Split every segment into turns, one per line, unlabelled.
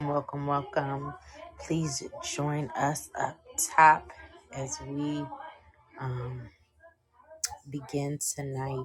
Welcome, welcome. Please join us up top as we um, begin tonight.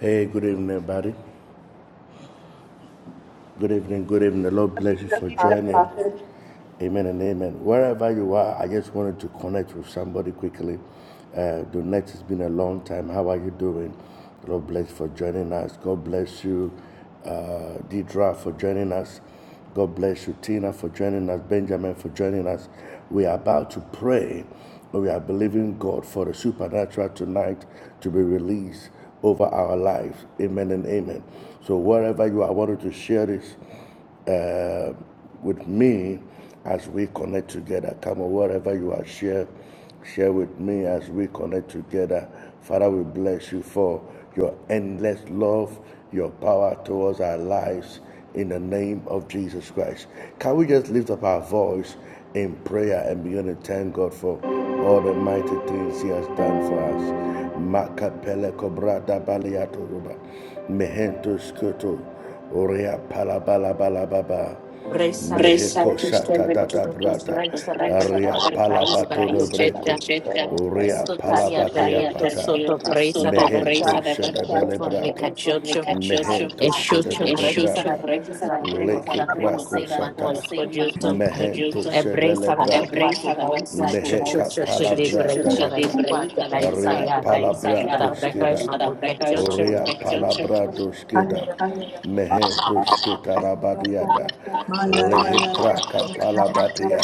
Hey, good evening, everybody. Good evening, good evening. The Lord bless you for
Thank
joining. Amen and amen. Wherever you are, I just wanted to connect with somebody quickly. Uh, Donette, it's been a long time. How are you doing? God bless you for joining us. God bless you, uh, Deidra, for joining us. God bless you, Tina, for joining us. Benjamin, for joining us. We are about to pray. We are believing God for the supernatural tonight to be released over our lives. Amen and amen. So wherever you are, I wanted to share this with me as we connect together. Come on, wherever you are, share, share with me as we connect together. Father, we bless you for your endless love, your power towards our lives in the name of Jesus Christ. Can we just lift up our voice in prayer and begin to thank God for all the mighty things He has done for us? Makapele kobrada baliato ruba, mehento skoto, orea palabala balababa.
Reza tu
Breṣa tu
sebe
Merekosa
tu tu
serve tu tata
tu tu
brata. tu
presa da per
presa la Aria
quale
percusha
paese
palabato presa
per
tu rebreto.
progetta
cheta Uria
usto caria per
palabatia
io
sotaria
tu
pata.
sotto
pietro soto
presa da per quale per info ne
brata. from me
cacciocio e scioccio presa da
brata.
presa da prego
Leke la
da
prima
qual
brako papa
sei ma
sata.
qual
consema con Mehento cojuto
Embrace
shebele e
and our Ebreza la
brata.
vergua tu
presa da verta
bolsa, chuchu
Meheka
chuchu de
palabrata
breza la
yata.
vergua tu bolsa,
Aria
ya rocky breza
palabrato
la breca,
skida.
eso porque chuchu.
Uria palabrato skida. Mehentus Karabadiada Lehebraka Palabadia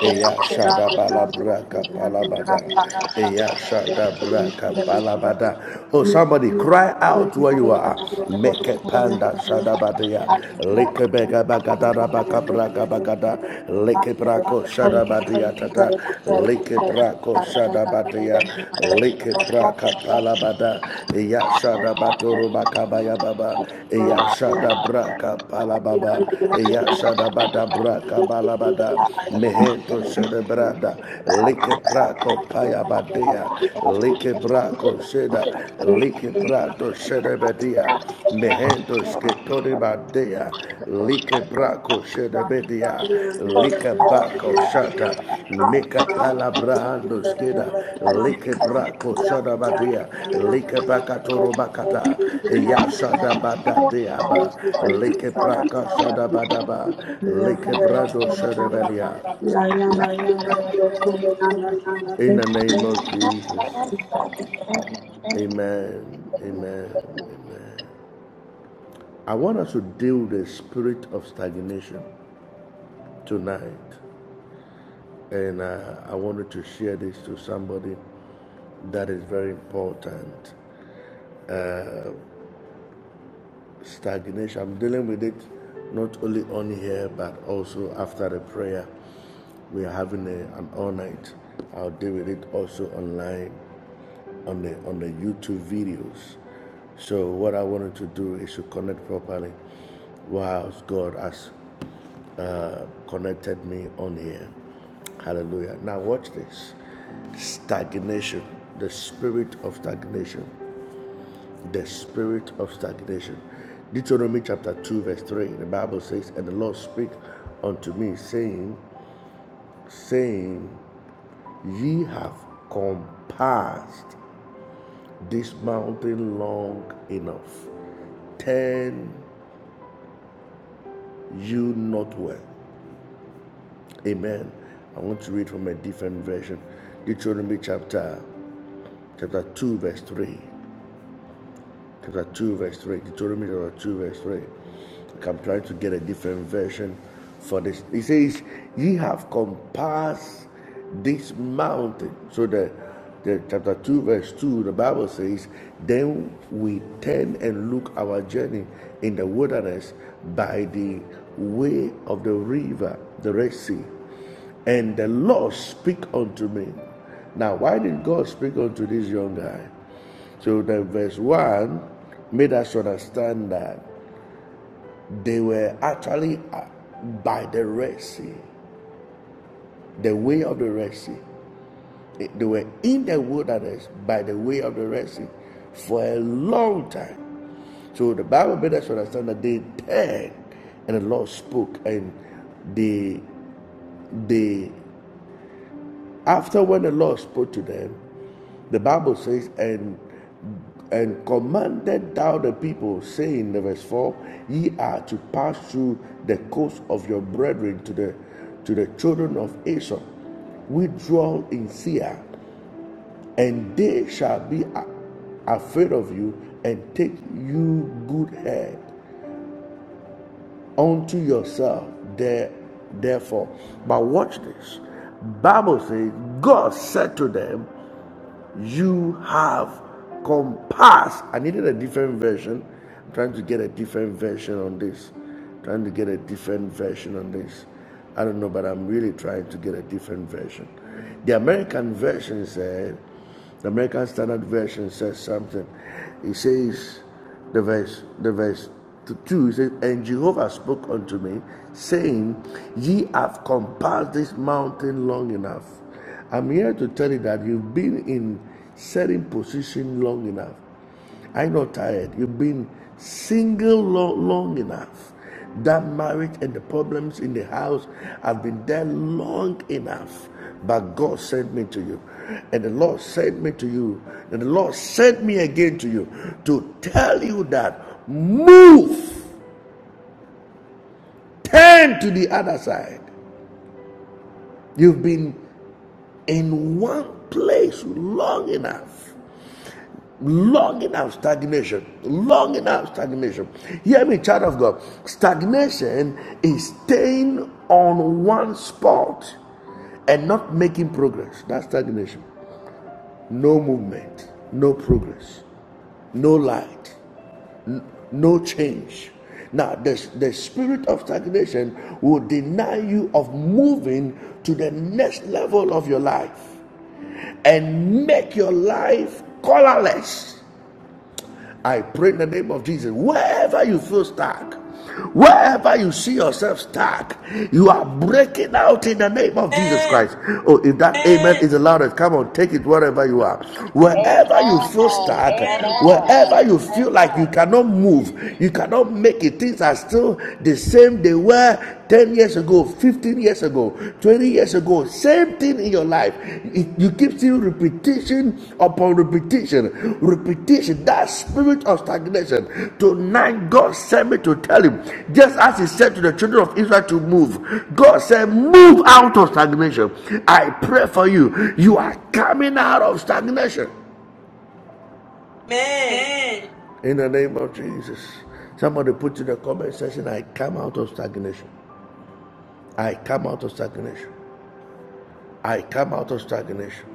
Eya Shada Balabraka Palabada Eya Shada Braka Palabada Oh somebody cry out where you are Make a panda Shada Badia Leke Bega Bagadara Baka Braka Bagada Leke Brako Shada Badia Tata Liki brako shadabatia. Liki braka palabada. Iya shadabaturu bakabaya baba. Iya shadabraka palababa. Iya bada braka balabada. Meheto shadabrada. Liki brako payabadia. Liki brako sheda. Liki brado sheda Dia, mehendos que tori bandia, like braco shede media, like baco
you.
shata,
Thank
meka
you, Jesus.
palabrahandos kida, like braco shada badia, like bacatoro bacata, ya shada bada diaba, like braca
Hallelujah.
shada badaba, like brado shede belia.
Amen.
In the name of Jesus, amen, amen. I want us to deal with the spirit of stagnation. tonight, and uh, I wanted to share this to somebody that is very important. Uh, stagnation. I'm dealing with it not only on here but also after the prayer. We are having a, an all night. I'll deal with it also online on the on the YouTube videos. So what I wanted to do is to connect properly whilst God has uh, connected me on here. Hallelujah. Now watch this. Stagnation, the spirit of stagnation the spirit of stagnation. Deuteronomy chapter 2, verse 3, the Bible says, And the Lord spake unto me, saying, saying, Ye have compassed this mountain long enough. Turn you northward. Amen. I want to read from a different version. Deuteronomy chapter chapter 2, verse 3. chapter 2, verse 3. Deuteronomy chapter 2, verse 3. Like I'm trying to get a different version for this. He says, Ye have compassed this mountain. So the, the chapter 2, verse 2, the Bible says, Then we turn and look our journey in the wilderness by the way of the river, the Red Sea and the Lord speak unto me. Now, why did God speak unto this young guy? So the verse 1 made us understand that they were actually uh, by the Red Sea, the way of the Red Sea. Eh, They were in the wilderness by the way of the Red Sea for a long time. So the Bible made us understand that they turned and the Lord spoke and they they After when the Lord spoke to them, the Bible says, and and commanded thou the people, saying, the verse 4, ye are to pass through the coast of your brethren to the to the children of Esau. Withdraw in Seir, and they shall be afraid of you, and take you good head unto yourself there therefore. But watch this. Bible says God said to them, you have compassed. I needed a different version. I'm trying to get a different version on this. I'm Trying to get a different version on this. I don't know, but I'm really trying to get a different version. The American version said, the American Standard Version says something. It says the verse, the verse two, it says, And Jehovah spoke unto me, saying, Ye have compassed this mountain long enough. I'm here to tell you that you've been in certain position long enough. I'm not tired. You've been single long, long enough. That marriage and the problems in the house have been there long enough. But God sent me to you. And the Lord sent me to you. And the Lord sent me again to you to tell you that move, turn to the other side. You've been in one place long enough. Longing out stagnation. Longing out stagnation. Hear me, child of God. Stagnation is staying on one spot and not making progress. That's stagnation. No movement, no progress, no light, no change. Now, the, the spirit of stagnation will deny you of moving to the next level of your life and make your life colorless I pray in the name of Jesus. Wherever you feel stuck, wherever you see yourself stuck, you are breaking out in the name of Jesus Christ. Oh, if that amen is the loudest, come on, take it wherever you are.
Amen.
Wherever you feel stuck,
Amen.
wherever you feel like you cannot move, you cannot make it, things are still the same they were 10 years ago, 15 years ago, 20 years ago, same thing in your life. You keep seeing repetition upon repetition, repetition, that spirit of stagnation. Tonight, God sent me to tell him, just as he said to the children of Israel to move, God said, Move out of stagnation. I pray for you. You are coming out of stagnation in the name of Jesus. Somebody put in the comment section, I come out of stagnation. I come out of stagnation. I come out of stagnation.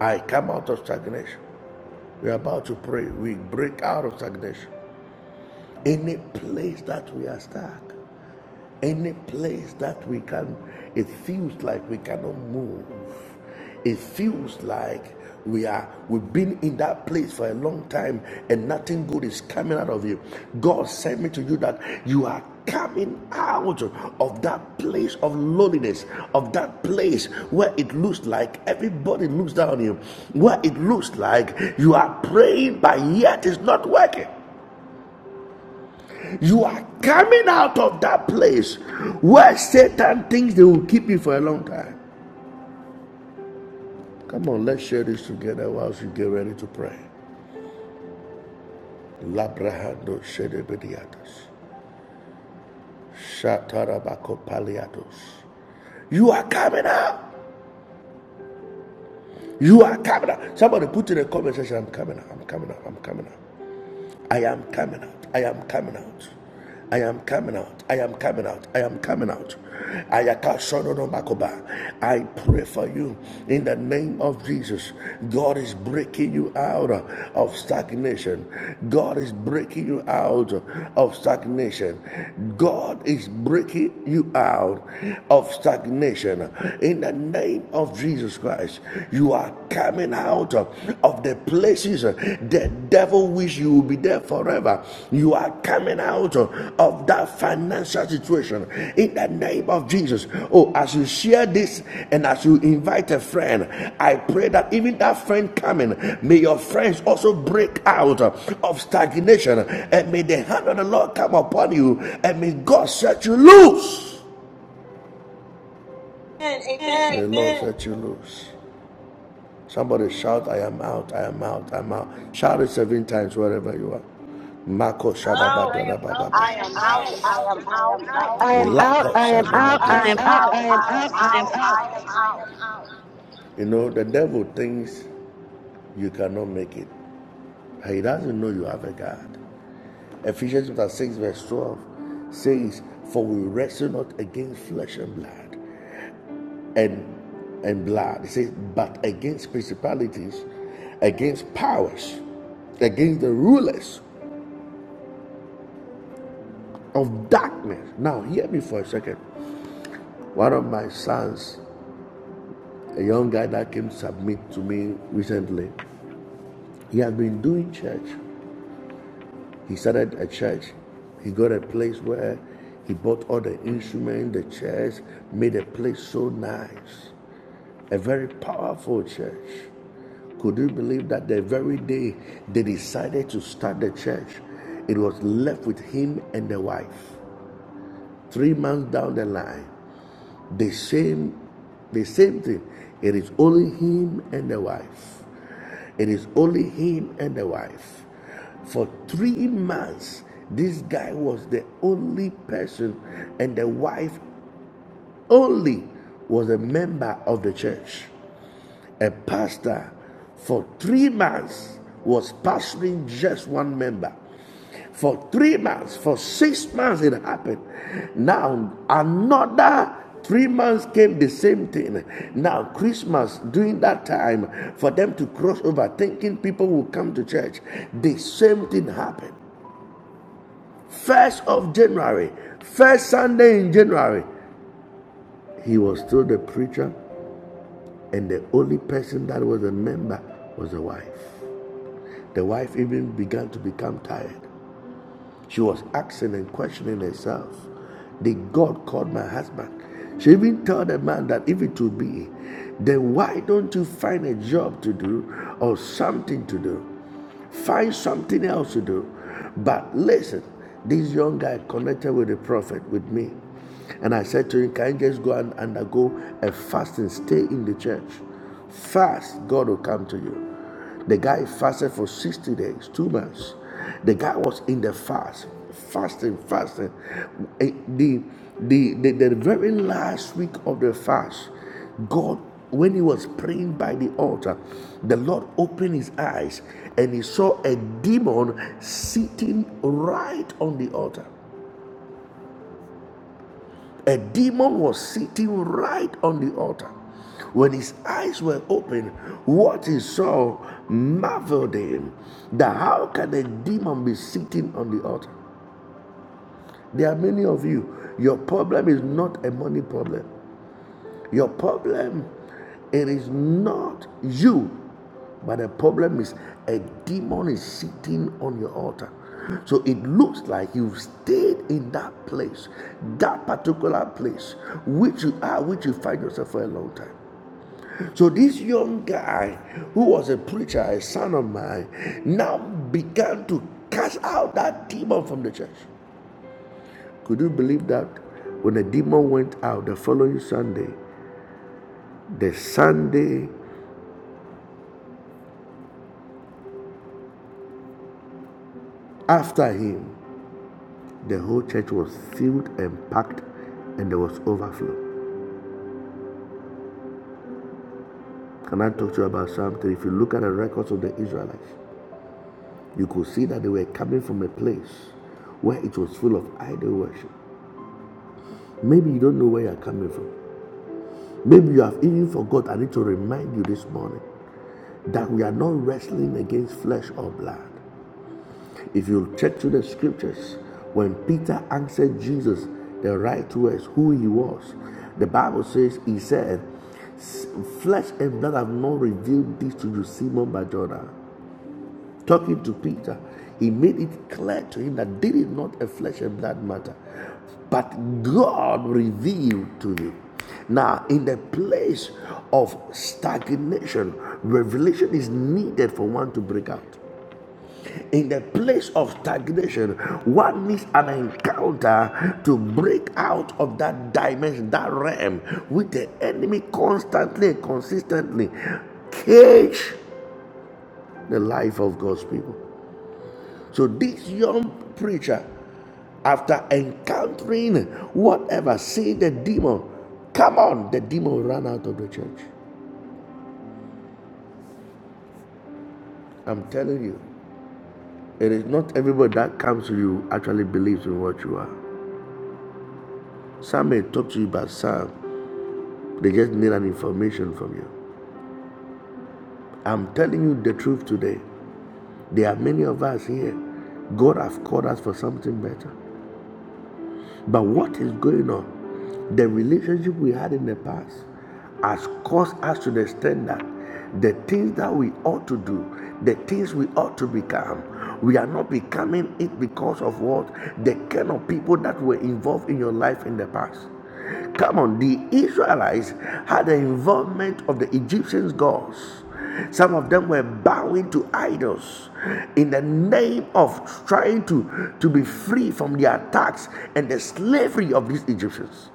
I come out of stagnation. We're about to pray. We break out of stagnation. Any place that we are stuck, any place that we can, it feels like we cannot move. It feels like we are we've been in that place for a long time and nothing good is coming out of you. God sent me to you that you are coming out of that place of loneliness, of that place where it looks like everybody looks down on you, where it looks like you are praying but yet it's not working. You are coming out of that place where Satan thinks they will keep you for a long time. Come on, let's share this together whilst you get ready to pray. Labrahando shedebediatos. Shatarabakopaliatos. You are coming out. You are coming out. Somebody put in the comment section, I'm coming out. I'm coming out. I'm coming out. I am coming out. I am coming out. I am coming out. I am coming out. I am coming out. Ayaka Sonono Makoba. I pray for you in the name of Jesus. God is breaking you out of stagnation. God is breaking you out of stagnation. God is breaking you out of stagnation in the name of Jesus Christ. You are coming out of the places uh, the devil wish you will be there forever. You are coming out uh, of that financial situation in the name of Jesus. Oh, as you share this and as you invite a friend, I pray that even that friend coming, may your friends also break out uh, of stagnation and may the hand of the Lord come upon you and may God set you loose.
Amen. Amen.
May the Lord set you loose. Somebody shout, I am out, I am out, I'm out. Shout it seven times wherever you are. Mako
Out.
Shadabadababa.
I
I am
am out. I
Out,
am
I
out.
am
I
I
am out.
out, Shadabadababa.
I
am
I am
am
out.
out.
Lako
out.
I
I
am
I
am
am
out.
out.
I
I am.
Shanamadosha.
am
out,
out.
I am
I am out.
out,
I am
I
out.
am out. You know, the devil thinks you cannot make it. He doesn't know you have a God. Ephesians chapter 6, verse 12 says, For we wrestle not against flesh and blood and and blood. It says, but against principalities, against powers, against the rulers of darkness. Now hear me for a second. One of my sons, a young guy that came to submit to me recently, he had been doing church He started a church. He got a place where he bought all the instruments, the chairs, made a place so nice. A very powerful church. Could you believe that the very day they decided to start the church, it was left with him and the wife? Three months down the line, the same, the same thing. It is only him and the wife. It is only him and the wife. For three months, this guy was the only person, and the wife only was a member of the church a pastor for three months was pastoring just one member. For three months, for six months it happened. Now another three months came the same thing. Now Christmas during that time for them to cross over, thinking people will come to church, the same thing happened. First of January, first Sunday in January, he was still the preacher, and the only person that was a member was a wife. The wife even began to become tired. She was asking and questioning herself. Did God call my husband? She even told the man that if it would be, then why don't you find a job to do or something to do? Find something else to do. But listen, this young guy connected with the prophet, with me. And I said to him, Can you just go and undergo a fast and stay in the church? Fast, God will come to you. The guy fasted for 60 days, two months. The guy was in the fast, fasting, fasting. Eh, The, the, the, the very last week of the fast, God, when he was praying by the altar, the Lord opened his eyes and he saw a demon sitting right on the altar. A demon was sitting right on the altar. When his eyes were open, what he saw marveled him that how can a demon be sitting on the altar? There are many of you. Your problem is not a money problem. Your problem, it is not you, but the problem is a demon is sitting on your altar. So it looks like you've stayed in that place, that particular place, which you are, which you find yourself for a long time. So this young guy, who was a preacher, a son of mine, now began to cast out that demon from the church. Could you believe that? When the demon went out the following Sunday, the Sunday After him, the whole church was filled and packed, and there was overflow. Can I talk to you about something? If you look at the records of the Israelites, you could see that they were coming from a place where it was full of idol worship. Maybe you don't know where you are coming from. Maybe you have even forgot. I need to remind you this morning that we are not wrestling against flesh or blood. If you check through the scriptures, when Peter answered Jesus the right words, who he was, the Bible says he said, Flesh and blood have not revealed this to you, Simon Jonah." Talking to Peter, he made it clear to him that did it not a flesh and blood matter, but God revealed to him. Now, in the place of stagnation, revelation is needed for one to break out in the place of stagnation, one needs an encounter to break out of that dimension, that realm with the enemy constantly and consistently cage the life of God's people. So this young preacher, after encountering whatever, seeing the demon, come on, the demon ran out of the church. I'm telling you, it is not everybody that comes to you actually believes in what you are. Some may talk to you about some. They just need an information from you. I'm telling you the truth today. There are many of us here. God has called us for something better. But what is going on? The relationship we had in the past has caused us to the extent that the things that we ought to do, the things we ought to become, we are not becoming it because of what? The kind of people that were involved in your life in the past. Come on, the Israelites had the involvement of the Egyptians' gods. Some of them were bowing to idols in the name of trying to, to be free from the attacks and the slavery of these Egyptians.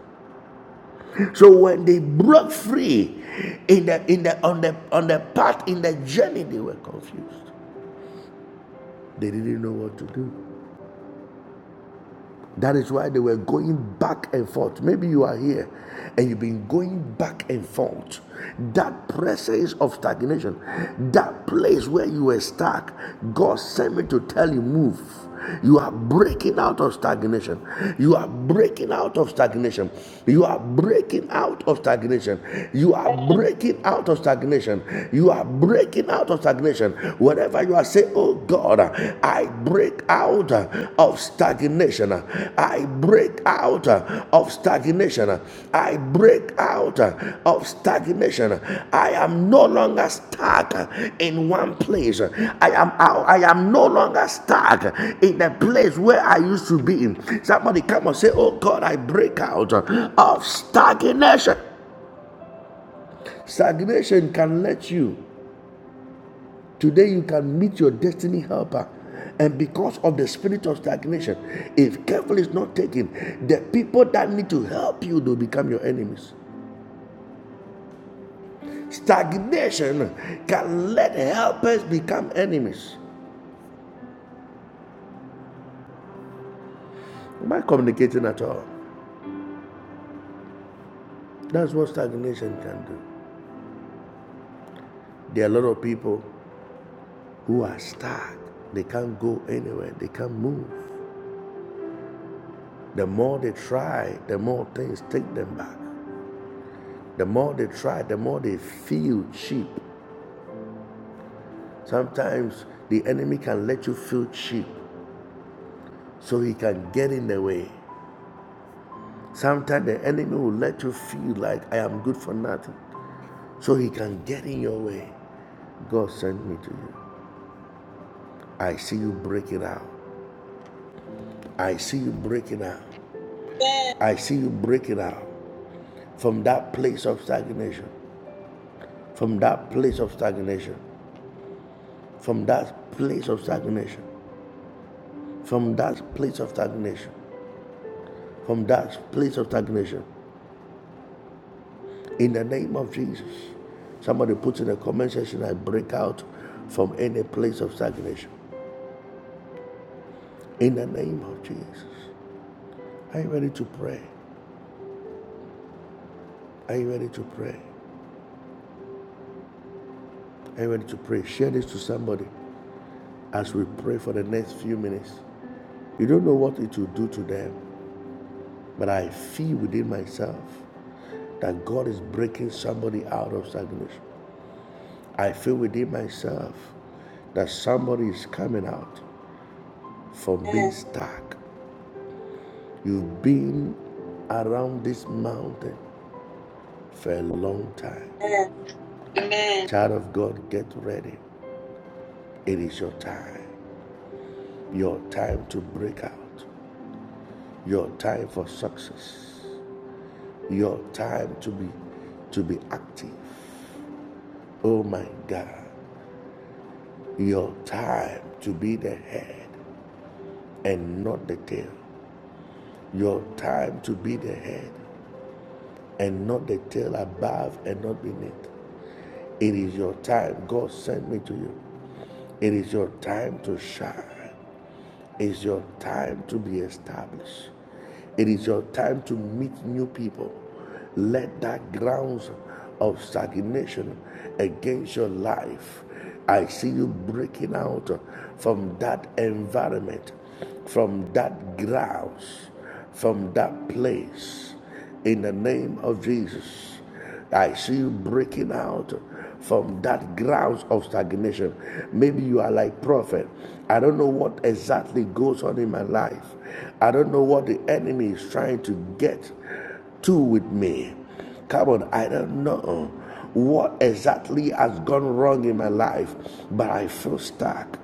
So when they broke free in the in the on the on the path in the journey, they were confused. They didn't know what to do. That is why they were going back and forth. Maybe you are here and you've been going back and forth. That presence of stagnation, that place where you were stuck, God sent me to tell you move. You are breaking out of stagnation. You are breaking out of stagnation. You are breaking out of stagnation. You are breaking out of stagnation. You are breaking out of stagnation. Whatever you are saying, oh God, uh, I break out uh, of stagnation. uh, I break out uh, of stagnation. uh, I break out uh, of stagnation. uh, I am no longer stuck uh, in one place. uh, I am I, am no longer stuck uh, in the place where I used to be. in. Somebody come and say, Oh God, I break out uh, of stagnation. Stagnation can let you Today you can meet your destiny helper. And because of the spirit of stagnation, if careful is not taken, the people that need to help you will become your enemies. Stagnation can let helpers become enemies. Am I communicating at all? That's what stagnation can do. There are a lot of people who are stuck. They can't go anywhere. They can't move. The more they try, the more things take them back. The more they try, the more they feel cheap. Sometimes the enemy can let you feel cheap so he can get in the way. Sometimes the enemy will let you feel like I am good for nothing so he can get in your way. God sent me to you. I see you breaking out. I see you breaking out. I see you breaking out from that place of stagnation, from that place of stagnation, from that place of stagnation, from that place of stagnation, from that place of stagnation. In the name of Jesus. Somebody puts in the comment section, I break out from any place of stagnation. In the name of Jesus. Are you ready to pray? Are you ready to pray? Are you ready to pray? Share this to somebody as we pray for the next few minutes. You don't know what it will do to them, but I feel within myself that God is breaking somebody out of stagnation. I feel within myself that somebody is coming out from being stuck. You've been around this mountain for a long time.
And
Amen. Child of God, get ready. It is your time. Your time to break out. Your time for success. Your time to be to be active. Oh my God. Your time to be the head and not the tail. Your time to be the head and not the tail above and not beneath. It is your time. God sent me to you. It is your time to shine. It is your time to be established. It is your time to meet new people. Let that grounds of stagnation against your life. I see you breaking out from that environment, from that grounds, from that place. In the name of Jesus. I see you breaking out from that grounds of stagnation. Maybe you are like prophet. I don't know what exactly goes on in my life. I don't know what the enemy is trying to get to with me. Come on, I don't know what exactly has gone wrong in my life, but I feel stuck.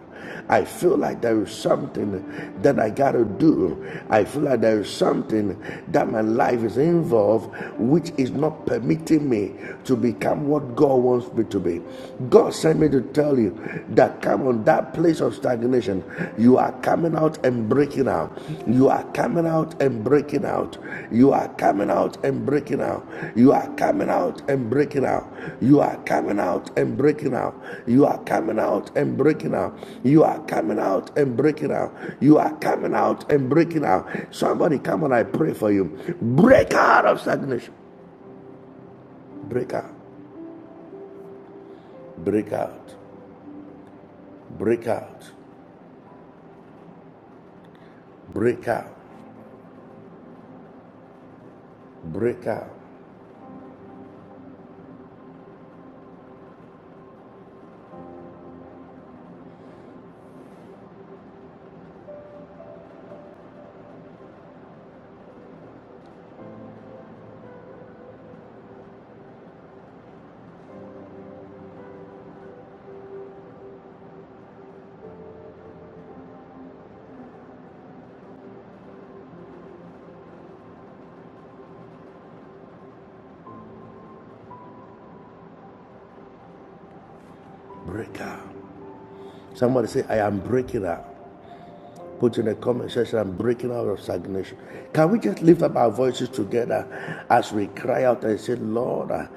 I feel like there is something that I gotta do. I feel like there is something that my life is involved, which is not permitting me to become what God wants me to be. God sent me to tell you that come on that place of stagnation, you are coming out and breaking out. You are coming out and breaking out. You are coming out and breaking out. You are coming out and breaking out. You are coming out and breaking out. You are coming out and breaking out. You are coming out and breaking out. You are coming out and breaking out. Somebody come on, I pray for you. Break out of stagnation. Break out. Break out. Break out. Break out. Break out. Break out. Somebody say, I am breaking out. Put in the comment section, I'm breaking out of stagnation. Can we just lift up our voices together as we cry out and say, Lord, I-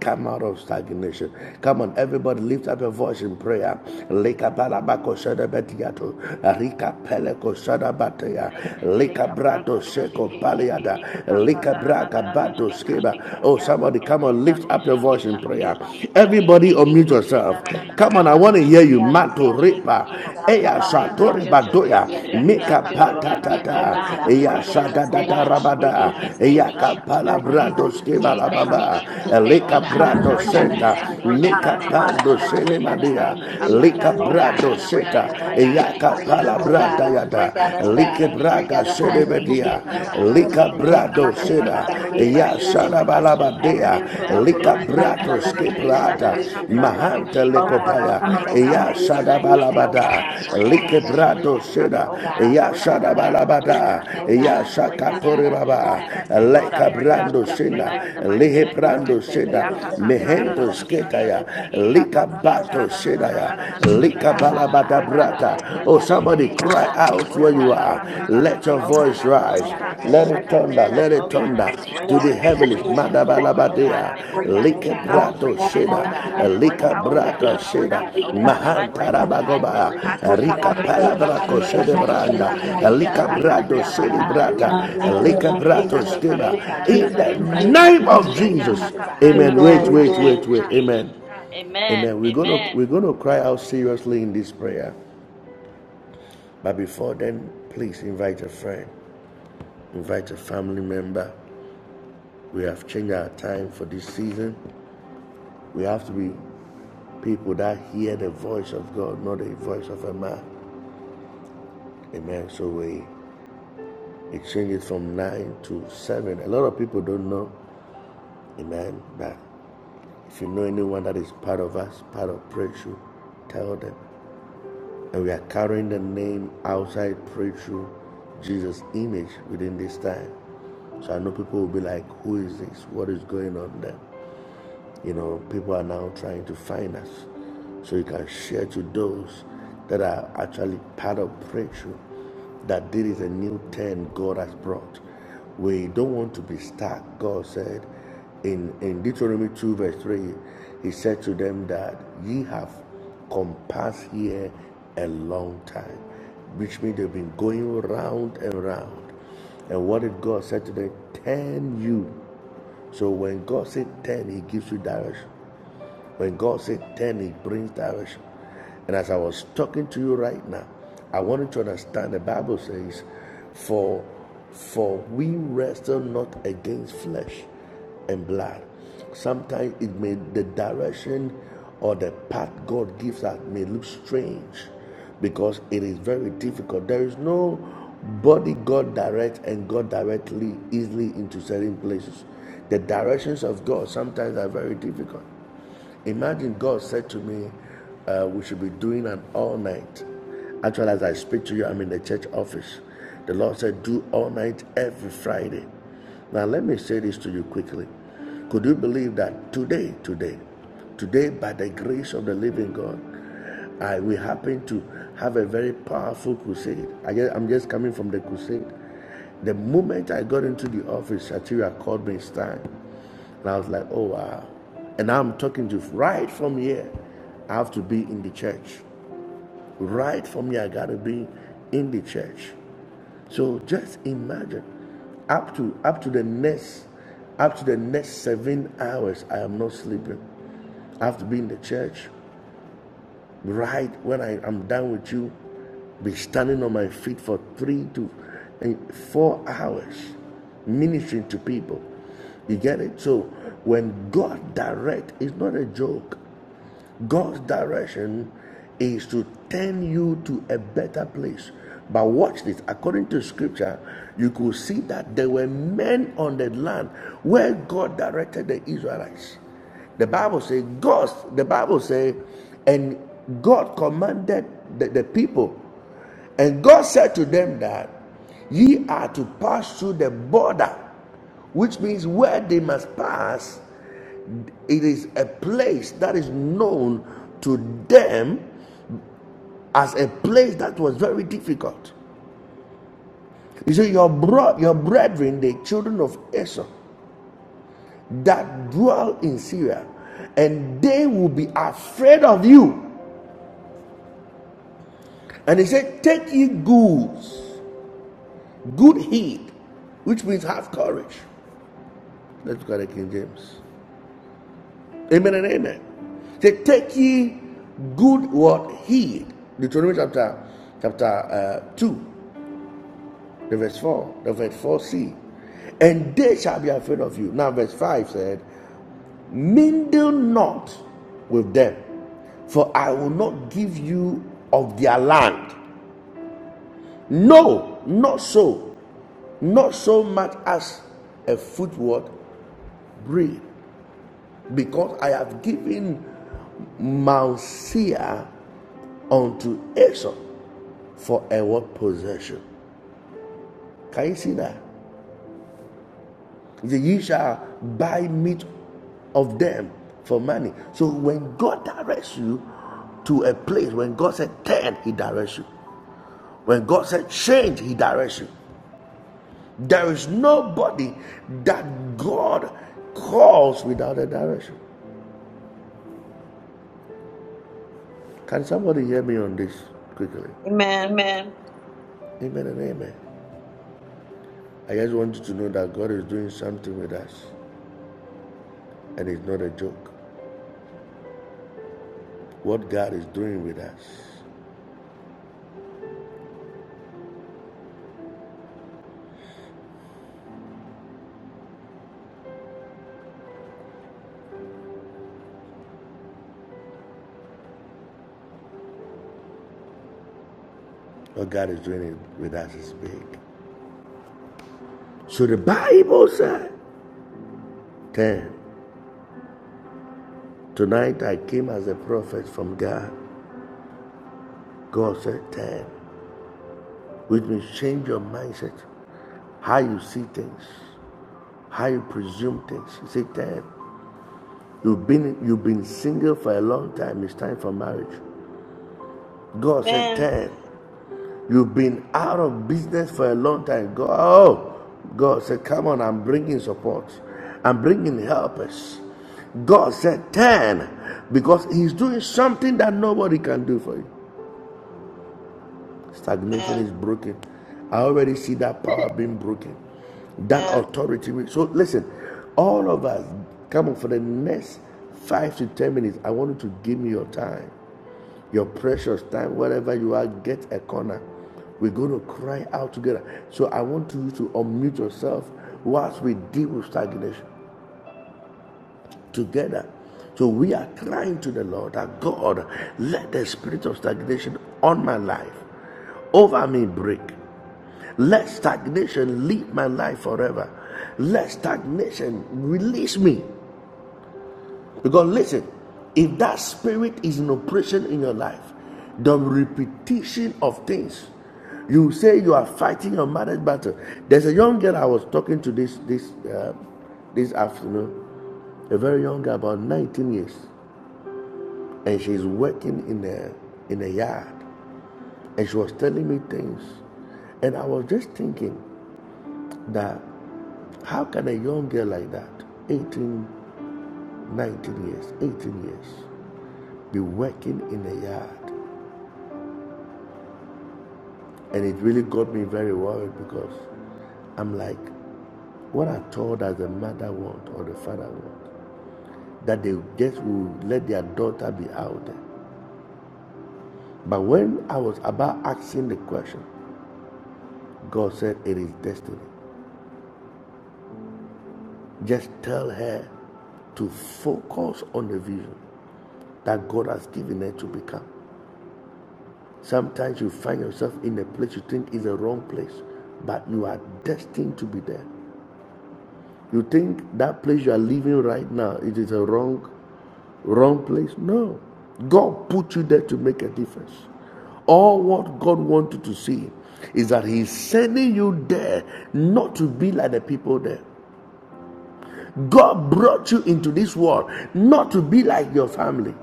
come out of stagnation. Come on, everybody, lift up your voice in prayer. Leka balabako shadabetiato, rika peleko shadabatea,
Nation,
leka
Deka Pranda
brato seko
Doshiki,
paliada,
Yaka
leka
Pranda
braka
Nana
bato
Doshika,
skeba. Oh,
Yaka
somebody, come on,
Kapinda
lift up your voice
I
in
Doshikita,
prayer.
come out of
Ekiki
Everybody, on
stagnation.
unmute
Kapinda
yourself.
Nana
Come
Amen.
on, I want to hear you.
Doshiki,
Yeah, no, no, no,
Mato
no.
ripa,
Yaka
Amen. I
eya
come
Kapinda
out of
Nana
satori
stagnation. I
Doshika,
badoya, mika
Yaka Kaprana Nana
patatata,
come out of
eya
Doshikita,
sadadada
stagnation.
Ekiki
rabada,
stagnation.
eya
Kapranda
Yeah,
kapala
yeah, I'm
Doshiki,
not
brado
gonna
Out
skeba
do
of
Yaka
that.
baba,
stagnation.
Kaprana
I
Nana
Oh
eleka
God,
come
I
out of
brado
Doshika,
break out of
stagnation,
senda,
Aka
Lord
stagnation.
God. I
Kapranda
mika
come
Oh
out
Nana
of
God,
pando
I
sene
break out of
stagnation.
Doshikita.
madia,
Yeah,
I
stagnation.
break
yeah,
out
lika
yeah,
of
Oh God,
yeah.
brado
I
stagnation
break
tonight
out
seta,
in
of
the mighty name
yeah.
of
stagnation.
eya
Jesus.
I do that,
kapala
do
Oh
I
that,
God,
brada
I
do
yada,
break
that.
out of
lika
stagnation.
braga
The
For me,
sene
hard he
I'm
media,
said,
so
church,
poor.
church,
lika
Lord God,
prakasi,
I
brado
come out of
karakala,
brada
kuro,
break every
stagnation.
ya
Please
he
shackle
keep
and
that
anything that
Eh,
for
has
me,
shalabalabadea
I'm
me
preso
the-
do
bound in the
lika
korohi
mighty name
God,
of
I
presa
Jesus.
da
come
bratos
out
ver
of the-
kuka
the-
to
the-
kebrada
the-
peshe
the- the-
chokya.
mahanta
Oh,
Oh
Yakakaprandanoshika.
Lord,
God,
I
I
lekopaya
I
come
break
out of
break
out of
out
ya
on
stagnation.
stagnation.
tonight.
Lord.
Oh God,
shadabalabada
I break out
Yakakaprendadoshika.
of
like brado
stagnation.
seda
Oh God, I
ya
break out of stagnation.
shadabalabada
Yakakaprandadoshika.
Oh God,
ya
Any
I break out of
relationships
shakatore
that kept me
stagnation.
baba
stagnant,
De
Lord, I
lika
break
fresa do
out of
brando
them
satya
seda
to
tonight in the mighty
satya
lehe
name
to
of Jesus.
brando
karahi se
seda
berion
mehento
Yakakaprandadoshika.
sketaya lika bato seda ya
stagnation.
lika
Oh
Yakakakakaprandananananananoshika.
God, I
balabada
break
Aka
out of
brata
kaprenda
oh
stagnation.
somebody
rushikeha.
Oh
Cry
God, I
out
Eka
where
break out
you
of
kaka
are.
kapra
stagnation.
na na
Let
na
your
na
Oh
na na
God,
voice
na
I
rise.
break out of
rushika.
Let
I
it
stagnation.
declare
thunder.
and I
Let it
Oh
decree
God,
from
I
thunder
today
Yeah,
break
to
yeah,
out
the
forward,
of
heavens.
everything will
stagnation.
move forward in
Oh
the
God,
mighty
I
name of
Madabalabadea.
break out
Jesus.
of
Lika
I will
yeah,
stagnation.
be
brato
the head
yeah,
and
Oh
sheda.
not the
God, I
yeah,
tail.
break
Lika
I
out of
will be
brata
above and
stagnation.
not
sheda.
Oh
beneath in
God,
the
I
mighty
break
yeah,
name of
out
yeah.
of
Jesus.
Mahantarabagoba.
stagnation.
Aka
Lord
The
Rika
God,
kapra
if
na na
that
freso
na
do
na
makes
na
palabraco
curro
me,
na
ha
na
Lord
preso
God, if I'm
de
branda.
rushika.
honest,
brio
that
tu
makes
Ya
cus
Lika
me,
aka
brasta y
Brato
kaprenda na na
shede
na na
amacaro.
Lord God, we
brata.
know you
rushike.
are
Lika
able to pull
Eka
brato
me out.
kaka
E
steba.
kaprenda
fresa
na
de
na
We
In
na
su
know
na
the
tu
you
presta.
name
rushikiha.
of
Ya aka
Jesus.
Yetasa.
kapranda
Amen.
ru na na
Wait,
ru
wait,
Amen.
wait, wait.
rushika.
Amen.
Amen.
Amen. We're gonna we're gonna cry out seriously in this prayer. But before then, please invite a friend, invite a family member. We have changed our time for this season. We have to be people that hear the voice of God, not the voice of a man. Amen. So we exchange it changes from nine to seven. A lot of people don't know, amen, But if you know anyone that is part of us, part of prayer, shoot, tell them. and we are carrying the name outside pray through Jesus' image within this time. So I know people will be like, who is this? What is going on there? You know, people are now trying to find us so you can share to those that are actually part of breakthrough that there is a new turn God has brought. We don't want to be stuck. God said in, in Deuteronomy 2, verse 3, He said to them that ye have compassed here a long time, which means they've been going round and round. And what did God say to them? Turn you. So when God said 10, He gives you direction. When God said 10, He brings direction. And as I was talking to you right now, I wanted to understand the Bible says, For for we wrestle not against flesh and blood. Sometimes it may the direction or the path God gives us may look strange because it is very difficult. There is no body God directs and God directly easily into certain places. The directions of God sometimes are very difficult. Imagine God said to me, uh, we should be doing an all night. Actually, as I speak to you, I'm in the church office. The Lord said, do all night every Friday. Now, let me say this to you quickly. Could you believe that today, today, today, by the grace of the living God, I we happened to have a very powerful crusade. I guess, I'm just coming from the crusade. The moment I got into the office, Shatira called me Stein, and I was like, "Oh wow!" And I'm talking to you right from here. I have to be in the church. Right from here, I gotta be in the church. So just imagine, up to up to the next, up to the next seven hours, I am not sleeping. I have to be in the church right when I am done with you, be standing on my feet for three to and four hours ministering to people. You get it? So when God direct, it's not a joke. God's direction is to turn you to a better place. But watch this. According to scripture, you could see that there were men on the land where God directed the Israelites. The Bible says, God, the Bible says, and God commanded the, the people. And God said to them that ye are to pass through the border, which means where they must pass it is a place that is known to them as a place that was very difficult. You see, your, bro- your brethren, the children of Esau, that dwell in Syria, and they will be afraid of you. And he said, Take ye goods, good heed, which means have courage. Let's go to King James. Amen and amen. Say, take ye good what heed. Deuteronomy chapter chapter uh, two. The verse 4, the verse 4c. And they shall be afraid of you. Now, verse 5 said, Mingle not with them, for I will not give you of their land. No, not so, not so much as a footward bread, because I have given Mount Seir unto Esau for a what possession. Can you see that? He said, Ye shall buy meat of them for money. So when God directs you to a place, when God said turn, He directs you. When God said change, He directs you. There is nobody that God calls without a direction. Can somebody hear me on this quickly?
Amen.
Amen. Amen and amen. I just want you to know that God is doing something with us, and it's not a joke. What God is doing with us, what God is doing with us is big. So the Bible said 10. Tonight I came as a prophet from God. God said 10. Which means change your mindset, how you see things, how you presume things. He said 10. You've been, you've been single for a long time. It's time for marriage. God said 10. You've been out of business for a long time. God, oh, God said, Come on, I'm bringing support. I'm bringing helpers. God said, Turn, because He's doing something that nobody can do for you. Stagnation is broken. I already see that power being broken. That authority. So listen, all of us, come on, for the next five to ten minutes, I want you to give me your time, your precious time, wherever you are, get a corner. We're going to cry out together. So I want you to unmute yourself whilst we deal with stagnation together. So we are crying to the Lord that God, let the spirit of stagnation on my life, over me break. Let stagnation leave my life forever. Let stagnation release me because listen, if that spirit is in operation in your life, the repetition of things, you say you are fighting a marriage battle. There's a young girl I was talking to this this uh, this afternoon, a very young girl, about 19 years, and she's working in a in a yard, and she was telling me things, and I was just thinking that how can a young girl like that, 18, 19 years, 18 years, be working in the yard. And it really got me very worried because I'm like, what at all does the mother want or the father want? That they just will let their daughter be out there. But when I was about asking the question, God said, It is destiny. Just tell her to focus on the vision that God has given her to become. Sometimes you find yourself in a place you think is the wrong place, but you are destined to be there. You think that place you are living right now it is a wrong wrong place? No. God put you there to make a difference. All what God wanted to see is that He's sending you there not to be like the people there. God brought you into this world not to be like your family,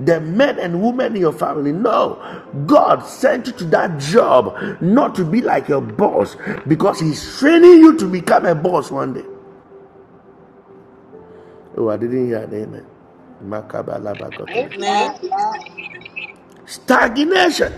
the men and women in your family. No, God sent you to that job not to be like your boss because He's training you to become a boss one day. Oh, I didn't hear an amen.
Amen.
Stagnation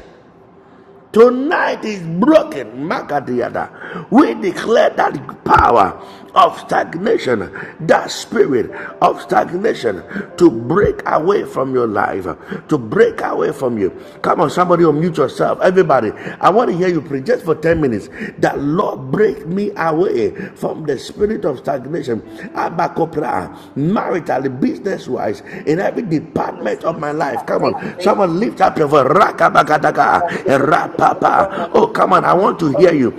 tonight is broken. Makadiada. We declare that power of stagnation, that spirit of stagnation to break away from your life, to break away from you. Come on, somebody unmute yourself. Everybody, I want to hear you preach just for 10 minutes. That Lord break me away from the spirit of stagnation. Abakopra, marital, business wise, in every
From the
department of
spirit
my life.
of
Come on,
stagnation,
someone lift up your voice.
from the spirit of
Rakabakataka,
stagnation.
rapapa. Oh, come on,
Oh,
I want to
yeah.
hear you.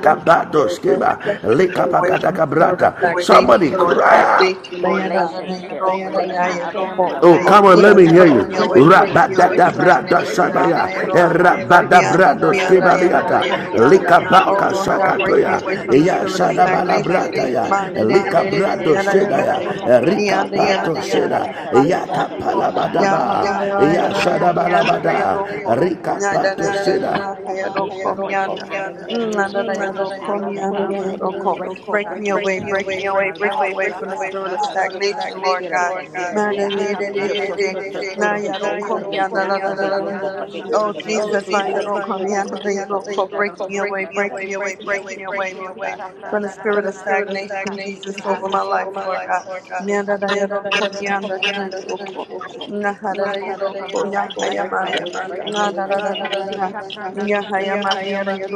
Brush me away, brush
skeba,
me away, brush me away from the
likabakataka
spirit
brata.
of
Somebody
stagnation, Lord
cry
God.
out.
Okay. Eight of the sons
relationship
of the regulations
in
and
my
I break
family,
out
Mayanananayaroko.
of
oh
Oh,
God.
Oh
come on,
stagnation
let
Break
me
Jesus,
tonight
me
hear
in the
out,
break
you.
me
mighty name
break
of
away
me
from the
out,
Jesus.
break
spirit of
me out,
Rabadadabra
break
Stagnation,
stagnation.
I
me out,
shadaya,
command you
break
to
me
Mahayaroko.
out,
flee from
break
my
me out.
home and from my
De
life right now in the
sukaroka
Miyanananayaroko,
mighty name of
miyanda.
Jesus.
diatosa,
Oh
Likabaka
Lord
That's
tiotosa,
not
God,
a
break me
plan
shakatoya,
tiose di
away
that I don't
from the
Ya
brisa
spirit of
diato
know.
perca
stagnation.
shadabalabrataya,
diatosa.
That
De soto corre
Manenenenenenayaroko.
presa de ver qua coca
Rikapato
Miyandayananayaroko,
sheda,
cacacaisa, diatosa
mahayaroko.
diera
Ya
preija,
Yakapalabadaba,
mama
sabra is
bela
victim
Ya
preija,
yaroko,
cannot
bachosa.
save
miyanda
it. They can
yaroko.
comprehend that another
Rikapato sheda.
They
Nyandananayamahayaroko,
Stagnation,
can
break me
comprehend
miyanda.
out
that
of
another
Mm,
nation
stagnation, break
God.
me out
adarayaroko,
of
By
mi
the power
stagnation,
of the blood
adarayaroko.
of Jesus, I
Break me
command
away,
you to
break
leave
me away,
my
break
life.
me away
Yaka
from the spirit of
comprehend that another
the
stagnation,
nation
Lord
spirit of
God.
stagnation, oh
They
God.
can comprehend that
Joto
another
Madarayarayarayare.
soto kurahi
nation God.
presa
Nayaroko, mi
diatusa da
Yaka
bekiota
comprehend
adarayarayara.
that another
pashuchu
Oh
ni
nation
me
God.
Jesus, my
utusa.
They
yaroko, mi
can comprehend
adarayaroko.
that
break me
another
away,
nation
break me away,
is
break me away, Lord God. From the
Thank
spirit of stagnation, Jesus, over my life, Lord God. Mi adarayaroko, mi adarayaroko.
to flee from my home and from
Naharayaroko,
my life
And
right
break
now
me
in
yahayamanda.
the
away from
mighty name of
stagnation.
Jesus.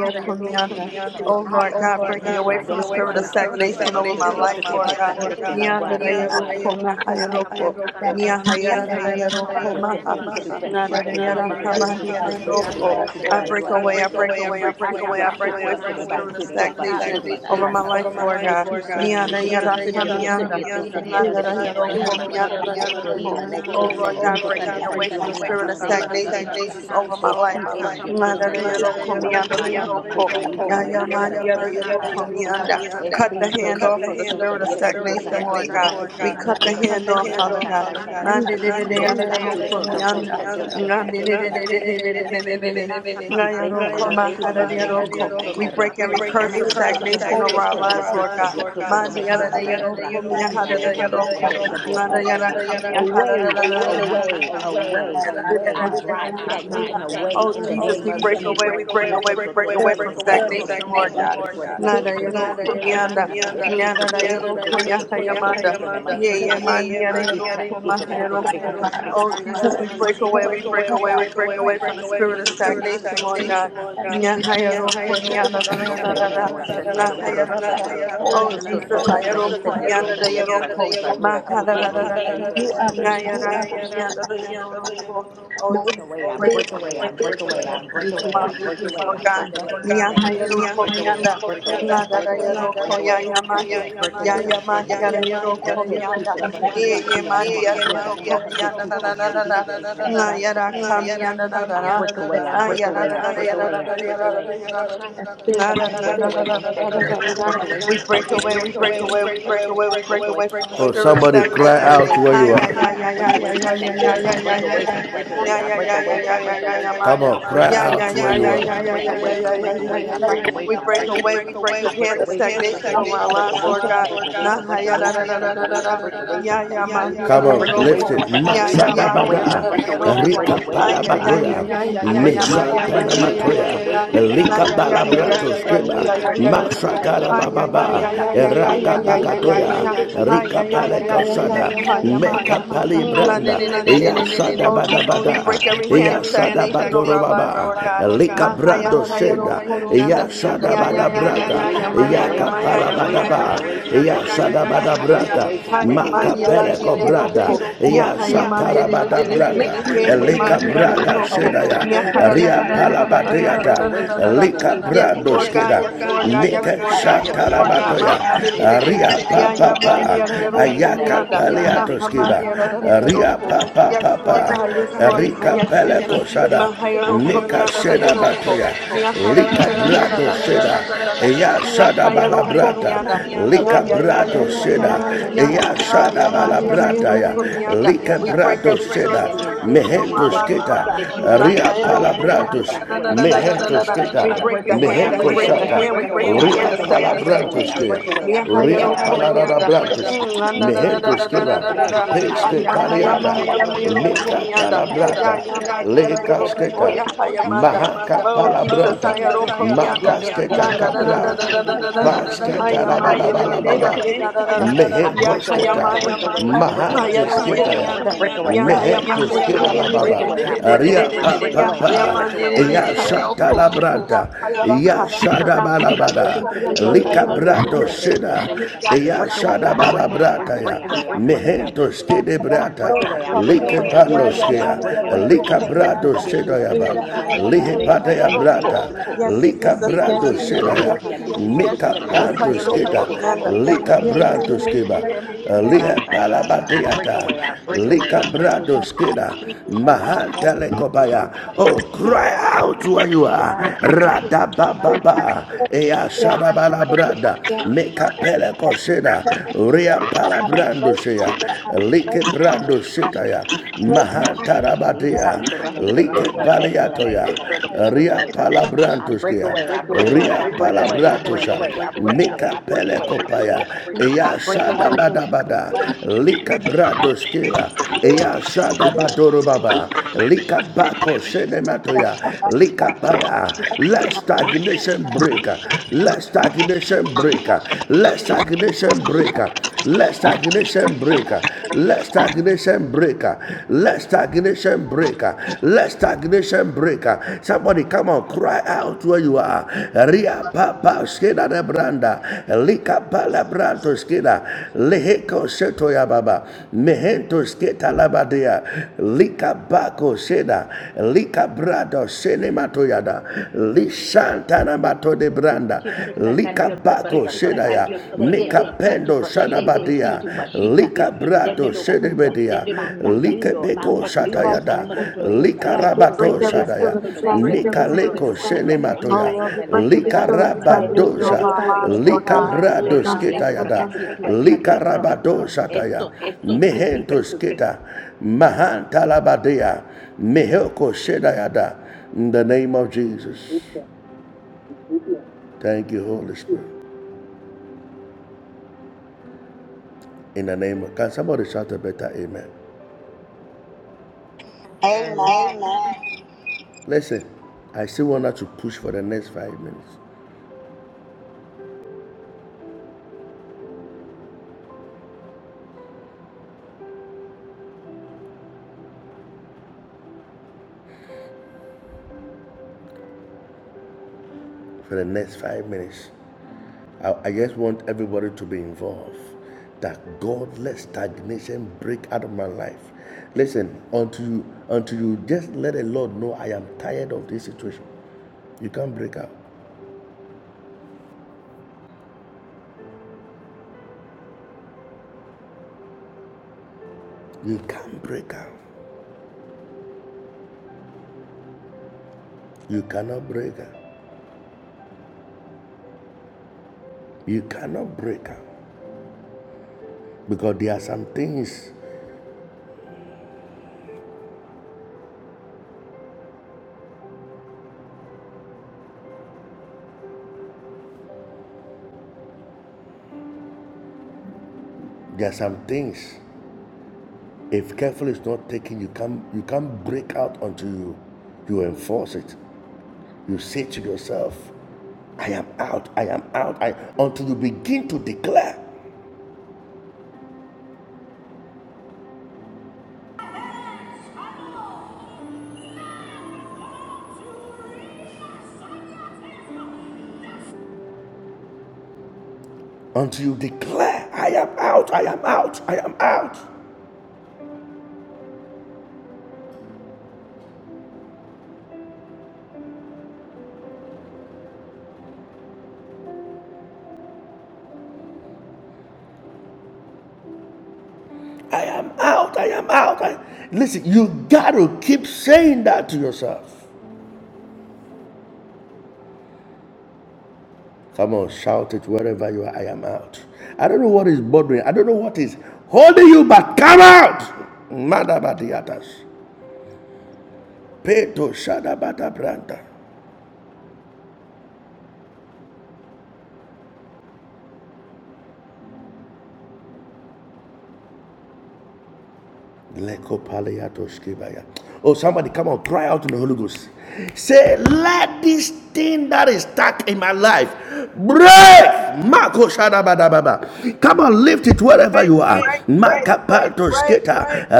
Kita teiyeika
Oh Lord
kapanda
From
God, break me away
roshika
stagnation.
from the
Dosa
spirit of
luanda
tuta
baso
situ
stagnation over my
yeika
bashotia
life,
chotia
Lord
kapinda da
beta
God.
da da da
secu la
roshika
guarra.
yeika kaka
Nyandadayadokomahayadoko.
kapanda da
That
da da
has
da roshika. So I command
Nyahayadadadayadokomaha.
you
Tesi
to
tu
leave right
pashucho
now
betu
by the blood
sanamo
of
et
got
Jesus.
yotoso
the
de
Kaka
Nadadayadahamandiyadayadoko.
fear
I
barekutua
kapanda
break
dua.
away, I
roshika.
break
And
away, I
you
break
sit
Aka
away, I break
kapanda
away
bashoto
da
from the
da
sedeba
da da
spirit of
tu to
roshika.
stagnation
basheto
over
sabra.
my
Yaka
life, Lord
kapanda da
God.
da
tu
da da
sonio me
roshika.
hito sedioto
Yeika
Nyandayadahamiyanda.
sedioto
of the Lord.
sediada
kapinda
bet
The name
roshika.
Nadadayadoko,
kukwayama koro.
of
Yeika
the
Iyo
miyandadayadoko.
name
ale
kapanda da
Oh
da
tu
da
Lord
son
God,
diotoka
break
roshika.
le
me away from the
kandiome
Yeika
do
spirit of
seba
kapanda
stagnation,
tusa.
Jesus,
roshika.
over
is
my
your
E
life.
Yaka
frison
kapanda
diotosa
da
Ngara
da da
yero
diada
da
kuwa.
komianda da
roshika.
Mahamba
yero ko.
koka ipa
Ya
power.
ya
Ekapranda
diotosa ni
mandia da
mendo
dosha,
yero
sabra.
komianda.
The
E
yakakapte
Cut the hand
frisondo
off of the
setusa
spirit of
dedededededoshe,
dia per kuka
stagnation,
hise.
Lord God.
ekapranda
Ibrahetu
We
isa
cut the
dosha,
diaroma
hand off,
atusa
Father God.
yakakapranda
kakaisa.
Mandi de
nananana
de de ya
dosha,
da
Bresa
yero
tu soto per
komianda.
cacciocio.
Ngandi de de
ekitikitikokonda
de de de
dosha,
de de de de de.
Di
Ngaya
yakakapranda
presa da
roko mahara
vasciuccio
de
dadadadadoshe,
brega dio
roko. We
you.
socaro.
break every curse
Ama
of
ekakakapenda
e
dosha,
Away,
tosso
stagnation
dio
away,
over our
tosse dio
lives, Lord
tissa
God.
dio tocco da
yakakakapranda
Mandi
mehe
yada de
monto
nananana doshe,
yoroko,
casbrasse. Chi tu
miyahada
e
de
dio
yoroko,
adossa dio
ngada yada
patassa.
ekitikitikokonda
kamiyahada
dosha,
da
Away, away,
yakakapranda
away.
da
dadadadoshe,
away.
da
I
da
drive
I
da.
drive
stagnation
yakakapranda
away
Oh,
in the
stagnation away.
Jesus,
name
we
nananana
of
break
doshe,
away,
Jesus.
we break
Doto
away, we
to to
break
to
away
to
from
Stagnation
to
away
to to
stagnation,
prehisa
Lord
ekitikitikokonda
for
dia
God.
prequatio to
Nada
the question.
Ya
yoroko
serebetusa.
mianda.
De soto
Nada da
soto
Break
soto
yoroko
soto preca
away,
che chi
yahayamanda.
sono manto
Yea,
sarro.
mandiada
Itra
yoroko
soto soto
Yaka
mahayaroko.
prehisa
Oh, Jesus, we break away, we break away, we break away from the spirit of stagnation, Lord God. Nyahayaroko mianda da da da da
Sakakokainia
da.
Monteso
Nyahaya
Dokoro.
da da da. Oh,
So so
Jesus,
so so prahisa
ayaroko mianda
diatosa
da
diata
yoroko.
pakuka we
Mahada da
hapukoro
da
hi
da da da.
praisa.
who other son
Nyayara kamianda da yoroko. Oh,
Break
Jesus, we
away, I
I
break
break
away from
away,
the
break away, I
I
break away, I
spirit of
break
stagnation
away, I break
stagnation
break
of
away, I
my
away, I break
break
life,
away,
Lord
I
away,
break
God.
away from
Mia
stagnation.
hayero
I break away, I
komianda,
break away, I
na da
break
da
away, I
yero
break
koya
away,
yamandi,
I break
ya
away from
yamandi
stagnation. Dote suto
that you
e
would
prashitu tu enema hadokas rasti tu
na na na na Yarada, na,
sigmotitu
na
adikasprasto.
yara kamianda na na
I
na,
break
the,
away, I
na
break
yara
away,
da
I
da da
break
yara da
away.
da yara da da yara da
the spirit
Na
of
I break away from stagnation. I break away
We
from
break away,
stagnation. I
we
break
break
away
away,
from
we break
stagnation.
away,
I
we
break
break
away
away
from
from the
Or
stagnation.
spirit of
somebody
I
cry
break
stagnation.
out
away
to where
from
you
Ay,
are.
ay,
stagnation.
ay,
I
ay,
break
ay,
away
ay,
from
ay, ay, ay,
stagnation. I
ay,
break
ay, ay,
away
ay.
from stagnation.
Yeah,
I
yeah,
break away from stagnation. I break
yeah, yeah,
away
yeah,
from
yeah, yeah,
stagnation.
yeah,
Come
Manda.
on,
I break
cry
Yeah,
away
out
yeah,
from
to where
yeah, yeah,
you
stagnation.
yeah,
I
yeah,
break
yeah, yeah,
away
yeah,
from
yeah, yeah,
stagnation.
yeah,
I
yeah.
break away
We
from
break
stagnation.
away. We break
I
the
break
hand of
away from
stagnation over
stagnation. I
our
break
lives,
away
Lord
from
God.
stagnation.
Nah,
I
ha,
break
yeah,
away
da, da,
from
da, da, da, da,
are.
stagnation. I
da.
break away from
Yeah, yeah,
stagnation.
man, yeah,
Come
da,
I
on,
yeah,
break away
lift
roko.
it.
from
Yeah,
stagnation.
yeah, man, yeah, da,
Masagabada,
da, da, yeah,
I
roko.
break
Rika
away
Ah,
from
yeah, yeah,
stagnation.
yeah,
Palabagoya,
yeah, yeah,
I
yeah,
break
yeah,
away
man,
from
yeah, yeah,
Mesantana
yeah,
stagnation.
yeah,
I
yeah,
break
Matoya,
yeah,
away
yeah.
from
Nah,
Lika
stagnation.
yeah,
I break
yeah, yeah,
away
yeah,
Balabrato
from
yeah, yeah,
Skeba,
stagnation.
yeah, yeah,
I
yeah,
break
yeah, yeah,
away from
yeah.
stagnation.
Ah, yeah,
I
yeah,
break
Masakarababa,
yeah, yeah,
away
yeah,
from
yeah,
Raka
yeah,
stagnation.
yeah, yeah, yeah, yeah,
bagatoya.
yeah. Ah, yeah,
Rika
yeah, yeah, yeah,
the
yeah, yeah,
Palekosada,
yeah, yeah, yeah, man.
Meka
Mm, na- na-
Palibranda,
na- na- na- na- na.
Yasada
Oh, Jesus, we
Badabada,
break every hand of
Yasada
stagnation over our lives, Lord God.
Batorobaba, Lika
Mahaya
Brando
ra- ra- ya- ro-
Seda,
ko- mi- anda.
I break
Yasada
Ya- ya-
away
ya-
from
ya-
Badabrata,
ya-
stagnation.
ya-
I
ma-
break
ya-
away
ya-
Yaka
ma-
from
ya- ya-
stagnation.
ma-
I
ya- ya-
Palabadaba,
ya- ya- ya- ya-
Yasada
ya- ya- ya- ya- ya- ya-
break
ya.
away
Badabrata.
from
Ha- ya- man-
stagnation.
di- ya- ra-
Makapele
ra- ra- ra- ya- ro-
kobrada,
ko. Ya-
ya
ha- ya- man- di- di- di- di-
satarabada
di- he.
Stagnation.
brada,
mix
I break
He- he-
away from
lika
man- di- ya- ra- ya-
stagnation.
braga
ro-
I, I
ko.
break
sedaya,
Ya-
away
ha-
from
ra- ra- ra-
ria
ra-
stagnation.
ra- ra- ra- ra- ra-
I
ra-
break
palabadeada,
ra- ra-
away
ra-
from
ra- ra.
lika
stagnation. I break
Yes,
brado
away
Lord
from
God.
skeda,
Yes,
stagnation.
Lord God. Yes,
mike
Dositu
Lord
of power
God.
seiya
Yes, Lord God.
makutoa.
of God of
Ma-
satarabatoya,
ha- di- di- di-
God
Bretu
di.
ria
so
of
Ya
God,
papa
shishu.
ya
Bre
mandi
pa,
ara
sadia to
yoroko
sadia
ayaka
mianda.
bekuama.
Ha
paleato
ha
skida,
mandi ara ara
ria
yoroko.
papa
Yes Lord
papa,
God, yes Lord God,
rika
yes
pele
Jesus. Ma
kosada.
ha yoroko
Leka
mianda ara
sheda
yoroko.
batoya,
Mia ha ra ra
lika
ra ra ra ra
brado
ra ra
sheda,
ra ra ra ra.
eya
Mia
shada
ha yoroko
balabrata,
mianda. Ya
lika
Soto
ya
soto
ya ya
brado
soto
ya ya
sheda,
soto
ya ya ya.
kakisa
eya
ima
Ah
shada
ya
tusachi
mandi ara
balabrata
seveshutu
yoroko
ela
ya,
mianda.
lika
tesito
We break
brado
every
bashukuduma
spirit
sheda,
of
agadema
stagnation over our
the
mehentus
lives,
two
Lord
kita,
God.
samuchidu and
ria
tesito
palabratus,
brakadoka kwa isbachota.
mehentus
We
I
kita,
break
break
the
away, I
hand, we
break
Mehentus
break the
away, I
hand, we
shata.
break
break
away,
the
I
Ria
hand
break
of
away, I break
stagnation,
away, I
Jesus.
palabrantuskea.
break away, I break
Ria
away, I break away, I
Miahayarokomianda.
break
palarabrantus.
away.
Mm, na,
The two tasit
Mehentuskeva.
brio
that
to
a
Peske
sari,
mind that
harihi
tariata.
is
to some
heavily
ijo
Leka
prisa,
that
yoto
heavily
talabrata.
or
sabekayo
the
Leka
blood
sketa. Mahaka
of
Oh,
God.
Jesus,
palabranta.
chucho diado
Makaskeka
samwa
Na
Thank You are
na na na
hitieto
na
kapra.
na na
saive
na na na.
drosona mahendo
Pasketa la ba
kogabish
la ba
bush
la ba
bush pa
eh,
yenta I break
Lehekos I
away, I
keta,
break away, I break away, I
Ayaro
break away, I
break
komianda,
break away,
away,
yahaya
I
I break away, I break away, I
la baba, I break away, I
break
ria
mandere,
away, I
break
break
pa
away,
pa
I
yahaya
break away.
pa,
mandere,
ya shata
kayaroko,
la brada, ya
yapayaraka,
So
shada
ya
you're
ya
so soto
ya ya
preciso
ya
de
balabada,
ya ya
perdón,
lika
ya
nomás
ya ya ya
ya tú
brado
sabes esta.
sheda,
I
ya
break
ya ya ya ya yahaya
away,
shada
I break away,
mandere
I
balabrata ya,
break away, I break
komianda,
away.
mehentos kede
I
bakayaroko
brata,
break away, I
papa,
break
lika
away, I break
pandos
yahaya
away, I
kea,
break away.
mandere
lika
De tu
brado
komianda,
sa tu
sheda ya
tu
ba,
sa
yera ra
niaman
ra
tu
ra ra
sa
ra
lihe
re
ra
pata
prea
ya
tu sa
yaroko.
brata,
ro.
Yes,
E tu
lika
Jesus,
se tu
brado
yes,
tu
brandos
e ti
Jesus,
kedaya,
yes,
se tu
Jesus, yes,
meka
peshuka ti
Jesus,
te
brandos
se ti
ayaro
odon
keda,
kurome
komianda.
me eka
lika brandos keba, liha
prasa. I break
palabadeata,
away, I break away.
lika brandos keda,
well
mahantele kobaya. Oh, cry out where you are, rada baba ba, ea shada balabranda, meka pele koseda, ria
have a
palabrando
place, a
seya,
church
lika
that
brandos setaya, mahantara batea,
He
Like
ke te
Rike
soka i
paliatoya.
tu soro be
Ria
kuchiata. I break
palabrantoskia.
away, I break away,
Ria
I break away, I break
palabratosa.
away, I break away,
Mika
I break away, I break
pelekopaya.
away, I
Eya
break
shada
away.
bada bada. Lika bradoskeva. Eya shada badoro baba. Lika bako sedematoya Lika paya. Let stagnation breaker Let stagnation breaker Let stagnation breaker Let stagnation breaker break. Let stagnation break. uh, Let stagnation break. uh, Let stagnation break. uh. Somebody come on, cry out where you are. Ria papa skeda de branda. Lika pala branto skeda. Leheko seto ya baba. Mehento sketa labadea. Lika bako seda. Lika brado senemato yada. Lisantana mato de branda.
Chitu
Lika
Sagadioto
bako seda ya.
Bariatosa, de de
Nika
de situ
pendo
Bashitu
shanabadia,
Beshudu Batuta,
lika
de
brato
little Kuda,
sedebedia,
Manga,
lika
Duno,
beko
Amakdoisa,
shatayada,
Dioto
lika
Sebria,
We break
Toso
rabato
do
every
sadaya,
spirit of
Barcaquisa, even the
nika
stagnation,
Curro
Jesus.
leko
Memo
Oh
senematoya,
Acacaisa,
Lord, we
Yovela
break every
Tusa,
lika
spirit of
de
stagnation
Dodo
rabadosha,
over
E
our lives,
Asoto
Lord
lika
God.
Cur,
brado
Ibresa
My
Diatu
Father,
sketayada,
Bracatitu, Sado
lika
Curro,
rabado shataya,
Esto Hasi Soto
mehento sketa, mahantalabadia, mehoko shedayada, in the name of Jesus. Thank you, Holy Spirit. In the name of, can somebody shout a better amen?
Amen.
Amen. Listen, I still want us to push for the next five minutes. For the next five minutes. I, I just want everybody to be involved. That God let stagnation break out of my life. Listen, until you, until you just let the Lord know I am tired of this situation, you can't break out. You can't break out. You cannot break out. You cannot break out. Because there are some things, there are some things If careful is not taken, you can't you can't break out until you you enforce it. You say to yourself, I am out, I am out, I until you begin to declare, until you declare, I am out, I am out, I am out, I am out, I am out. I, listen, you gotta keep saying that to yourself. Come on, shout it wherever you are, I am out. I don't know what is bothering, I don't know what is holding you back. Come out! Madabadiatas. Peto Shadabata Branda. Lekopaleatoskibaya. Oh, somebody come on, cry out in the Holy Ghost. Say, let this thing that is stuck in my life break. Mako shadabadababa. Come on, lift it wherever
Break,
you are.
break,
Break, break, break, break,
break,
break,
break,
Makapatos
break,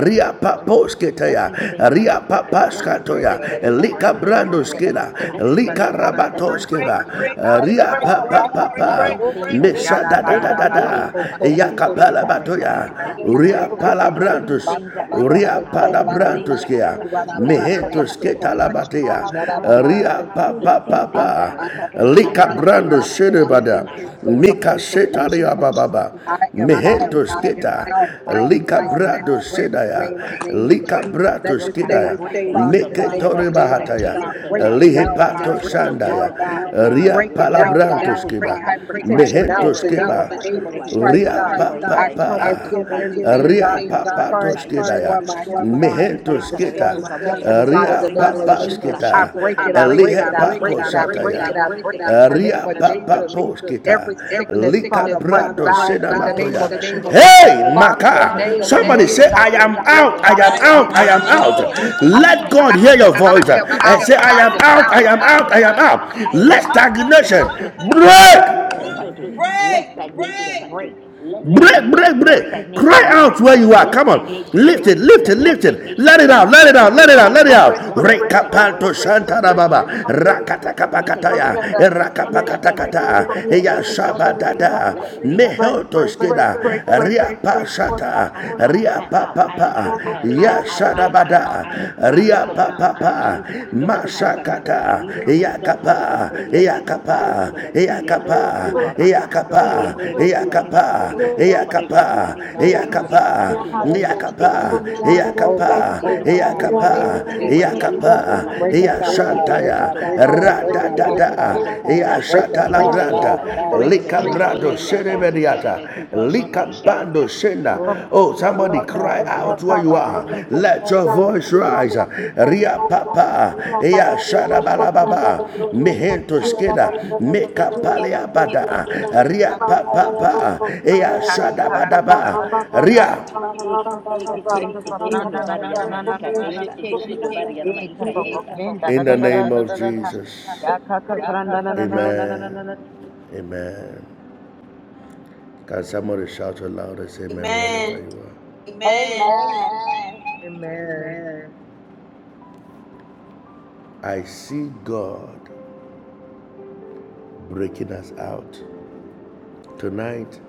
ria
Break. Let these things that are stuck in my
papas
life
break, break,
break.
break. Let it be
Let
break.
these
lika break,
things that
brandos
are
Let
stuck
this
in my
thing
life
stuck
break.
lika
in
things that is
my life
Let these.
break.
break, break,
I
break,
ria God,
break,
break.
papa
name
break,
of
break,
Let
Jesus.
break.
these things that are stuck
Yada
da
in
ba
my
da
ba
da
life
ba
da
ba
da,
ba
break.
so
Break,
Let
kora ba
these
ba ba.
things that are
batoya,
stuck in
Iki
my
yada
life
ba
ria things that
break.
is
seke.
Let these things that are stuck
Ria
in my life break,
break
padabratus kea,
every spirit of
mehentus
stagnation
ke
over
talabatea,
my life, Lord God.
break.
ria
We
Let
papa papa,
break,
these
break,
things that are stuck in my
break,
life
lika
break, break,
break.
brando
break,
Let
shedebada,
these things
every spirit
mika
of stagnation,
shetaria bababa,
I am out,
every
mehentus
I am
keta,
out, I am
lika
out. Let it
brando
break in the
sedaya,
name of Jesus.
lika
break.
Let
bratus
this thing
kedaya,
break, Father,
Dokakakakeiso
in
no
meke
the name of
mahendo
tore
Jesus.
bahataya,
God,
kasbrakiso to
break
you.
it now, God,
Amukutuesa
lihipato
break it now,
sandaya.
yotokurome me
God.
ria
Break
ekakaisa.
it now, God.
palabranto.
I break
Dakuka barkutwa
hypertension
isa
now in
yo
Mehentos
the
na
name
monto
of
keba,
Jesus
kasebrehisa sa
Christ,
ria
God.
pa
barkukwa
pa
I
isa
pa,
come
imandokus
against
tension
Ria
over
anything,
my
God, that is
papa has required
trying to
toskidaya.
destroy my health, God,
Si presa de
destroy
beco
my
como y
destiny,
Ria
God, in the
atacaros.
papa
name of
name
Y
Jesus. I
fratus sobre
break it, I
beriono
Elihe
break
mante
it, I
que
pako
sí
break
que
it,
sataya.
I
que
break
quise
it, I break it in the name
Ria
of
papa
Jesus.
poskita.
Every sickness,
Lika
Father, must
brado runs
bow
Praise the
in the
Lord.
name of
Wala kuro.
Jesus.
Hey,
Father,
Maka.
Esta
your
sho
name,
sho
your
sho
Somebody
sho
name,
say, I
sho
God, is
am
breitia
out.
greater
I
God,
dosa
am
in the
out.
name
I
of
katakaini
am out. Let
Jesus.
mutia
Out!
desa. I am
God hear
out.
your
I am
I
voice
out.
am
uh,
I
and
I am
am
out,
say,
out.
I am
I am out, I
I
am
am
out!
out.
out.
I
out,
am
I
out.
am
I
out.
I
am
am
I
am
am
out.
out.
out.
I
I am
am
Let
out.
out! I am
stagnation
Doto
out!
to
I am
satisa doto sato.
break.
Let
out!
stagnation break. Let
Break,
that
break,
let
break. Cry
stagnation break.
out where you are.
Let
Come on.
stagnation
Lift
break.
it, lift it,
Let
Break!
lift
stagnation
it. Let
break.
it out, let
Let
it out, let it
stagnation
Baba,
out, let it
break.
out.
Let stagnation break.
Rekapanto
Let
Shantara Baba.
stagnation break. Let stagnation break.
Rakatakapakataya.
Let stagnation break.
Rakapakatakata.
Let stagnation break.
Eya Shabadada. Mehoto Skida. Ria Pashata.
I am out.
Ria
I am out. I am out.
Papa.
I am out.
Ya
I am out. I am out.
Shadabada. Ya papa
Dokokokakakeisa. Baharro y presa.
mashakata
Yo no me incluso de ver
yakapa
que diamant. Tu
yakapa
sarro. Iria do no
yakapa
no curo más más a
yakapa
doca si breque tu
yakapa
animo handi
yakapa
tia tu
yakapa
pachunda.
out, God,
De
I
cua.
am out, God, in the name of
yakapa
Jesus. Oh,
yakapa
God,
Brahitia
free
do
us, God, in
bacuro
the
ay
yakapa
name of
manacutu
Jesus.
ayan
yakapa
Break
mutasar.
us out,
De
God.
tu
Break
so
yashantaya
us
do
out,
corro
God.
y
Break
presa de
radadada
us out, Father. Break us
bacusa de
out,
beru
yashatalabranta
a
God. We
percutia
free.
de
We are
becuco a
free
Likabrado
in
mama y
the
caísa.
name
sherebediata.
of Jesus.
Likabando
Oh,
shenda.
God,
Oh,
we
somebody
are out, God,
cry
in the name
out
of
where
Jesus.
you are. Let your voice rise. Ria papa. Ea sharabalababa. Mehento skeda. Meka paleabada. Ria papa. pa. Ea
Ika ka ka ka to
shadabadaba.
sheke.
Ria.
Ek ek ek ek ka
Casbrenso
ka
doso
pranda
do
na
bar
na na na
yanoma y
na to
caqueisa.
sheke. Ek ka ka ka prenda da
In
da
the
da da
name
to
of
sheka.
Jesus.
Ya ka ka pranda na na na na
Amen. Amen. Can somebody shout aloud and say amen wherever
Amen.
Amen.
Amen.
Amen.
Amen.
I see God breaking us out. Tonight,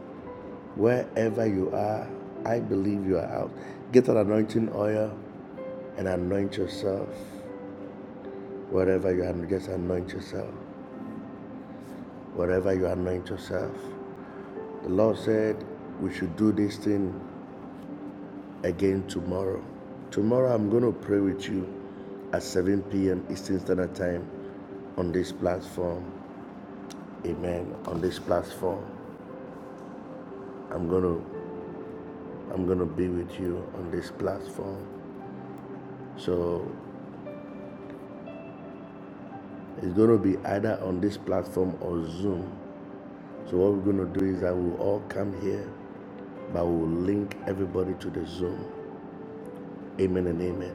wherever you are, I believe you are out. Get an anointing oil and anoint yourself. Wherever you are, just anoint yourself. Wherever you anoint yourself. The Lord said we should do this thing again tomorrow. Tomorrow, I'm going to pray with you at 7 p.m. Eastern Standard Time on this platform. Amen. On this platform, I'm gonna I'm gonna be with you on this platform. So it's gonna be either on this platform or Zoom. So what we're gonna do is that we'll all come here, but we'll link everybody to the Zoom. Amen and amen.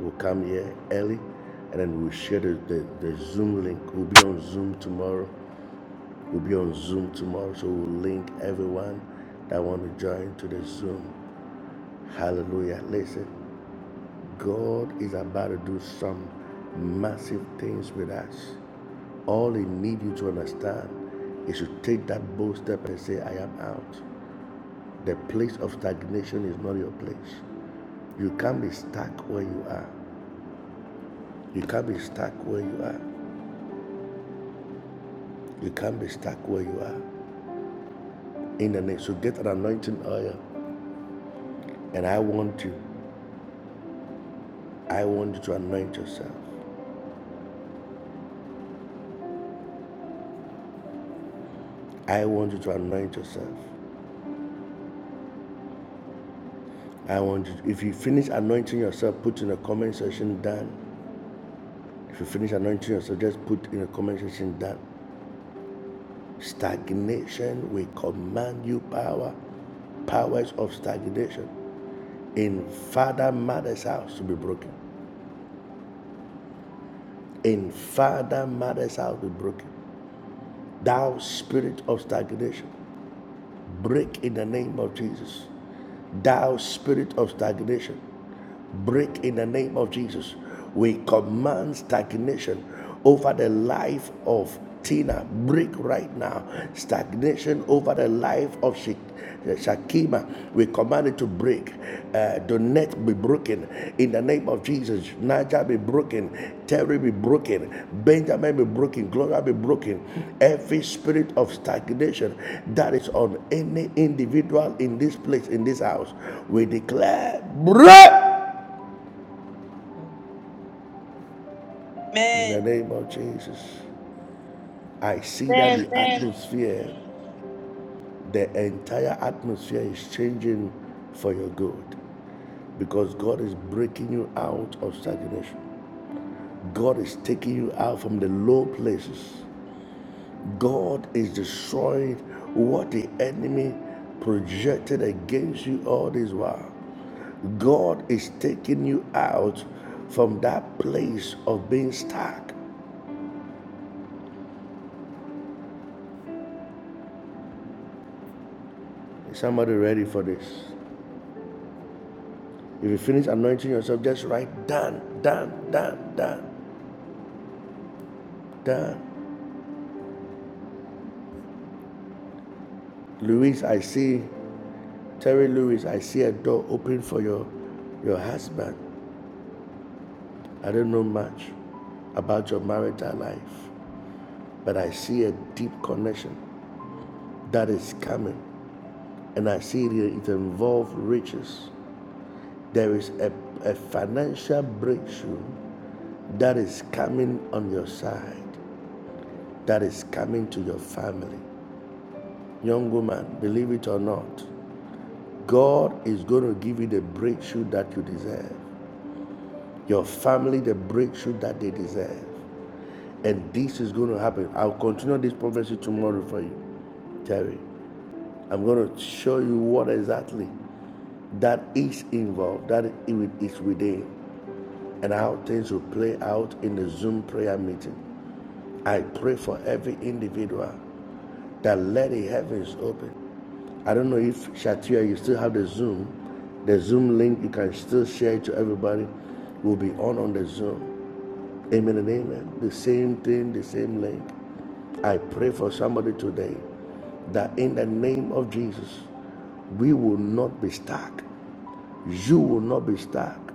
We'll come here early and then we'll share the, the, the Zoom link. We'll be on Zoom tomorrow. We'll be on Zoom tomorrow. So we'll link everyone that want to join to the Zoom. Hallelujah. Listen. God is about to do some massive things with us. All He needs you to understand is to take that bold step and say, I am out. The place of stagnation is not your place. You can't be stuck where you are. You can't be stuck where you are. You can't be stuck where you are. In the name, so get an anointing oil. And I want you, I want you to anoint yourself. I want you to anoint yourself. I want you, to, if you finish anointing yourself, put in the comment section done. If you finish anointing yourself, just put in the comment section that stagnation will command you power, powers of stagnation in Father Mother's house to be broken. In Father Mother's house to be broken. Thou spirit of stagnation, break in the name of Jesus. Thou spirit of stagnation, break in the name of Jesus. We command stagnation over the life of Tina. Break right now. Stagnation over the life of Shik- Shakima. We command it to break. Uh, Donette be broken in the name of Jesus. Naja be broken. Terry be broken. Benjamin be broken. Gloria be broken. Every spirit of stagnation that is on any individual in this place, in this house, we declare break. In the name of Jesus, I see that
Amen.
the atmosphere, the entire atmosphere is changing for your good because God is breaking you out of stagnation. God is taking you out from the low places. God is destroying what the enemy projected against you all this while. God is taking you out from that place of being stuck. Is somebody ready for this? If you finish anointing yourself, just write done, done, done, done, done. Louise, I see, Terry Lewis, I see a door open for your, your husband. I don't know much about your marital life, but I see a deep connection that is coming. And I see it, it involves riches. There is a, a financial breakthrough that is coming on your side, that is coming to your family. Young woman, believe it or not, God is going to give you the breakthrough that you deserve. Your family, the breakthrough that they deserve. And this is going to happen. I'll continue this prophecy tomorrow for you, Terry. I'm going to show you what exactly that is involved, that it is within, and how things will play out in the Zoom prayer meeting. I pray for every individual that let the heavens open I don't know if Shatia, you still have the Zoom. The Zoom link, you can still share it to everybody. We'll be on on the Zoom. Amen and amen. The same thing, the same link. I pray for somebody today that in the name of Jesus, we will not be stuck. You will not be stuck.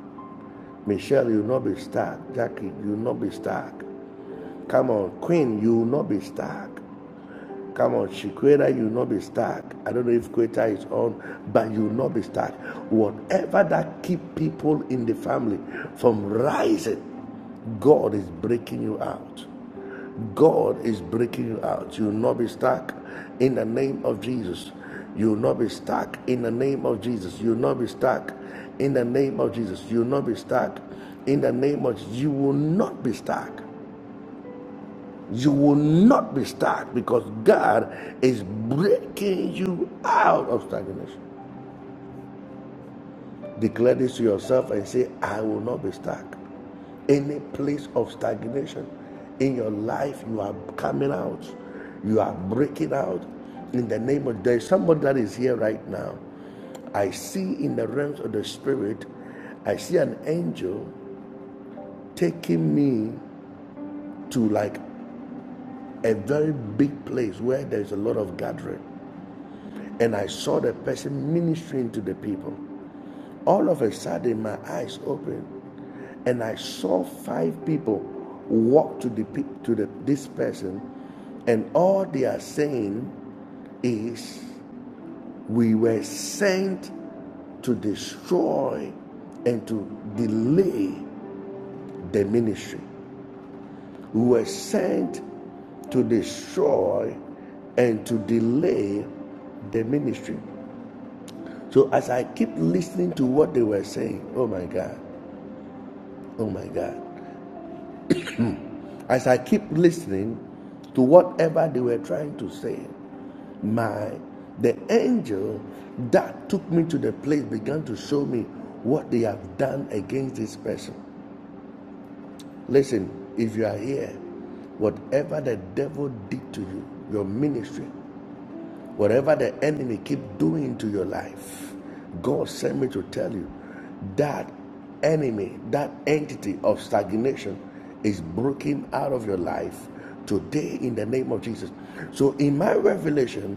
Michelle, you will not be stuck. Jackie, you will not be stuck. Come on, Queen, you will not be stuck. Come on, Chiquera, you will not be stuck. I don't know if Queta is on, but you will not be stuck. Whatever that keep people in the family from rising, God is breaking you out. God is breaking you out. You will not be stuck in the name of Jesus. You will not be stuck in the name of Jesus. You will not be stuck in the name of Jesus. You will not be stuck in the name of Jesus. You will not be stuck you will not be stuck because God is breaking you out of stagnation. Declare this to yourself and say, I will not be stuck. Any place of stagnation in your life, you are coming out. You are breaking out in the name of there is somebody that is here right now. I see in the realms of the spirit, I see an angel taking me to like a very big place where there's a lot of gathering. and I saw the person ministering to the people. All of a sudden, my eyes opened, and I saw five people walk to the to the, this person, and all they are saying is, "We were sent to destroy and to delay the ministry. We were sent to destroy and to delay the ministry." So as I keep listening to what they were saying, oh my God, oh my God, as I keep listening to whatever they were trying to say, my the angel that took me to the place began to show me what they have done against this person. Listen, if you are here, whatever the devil did to you, your ministry, Whatever the enemy keep doing to your life, God sent me to tell you that enemy, that entity of stagnation is broken out of your life today in the name of Jesus. So in my revelation,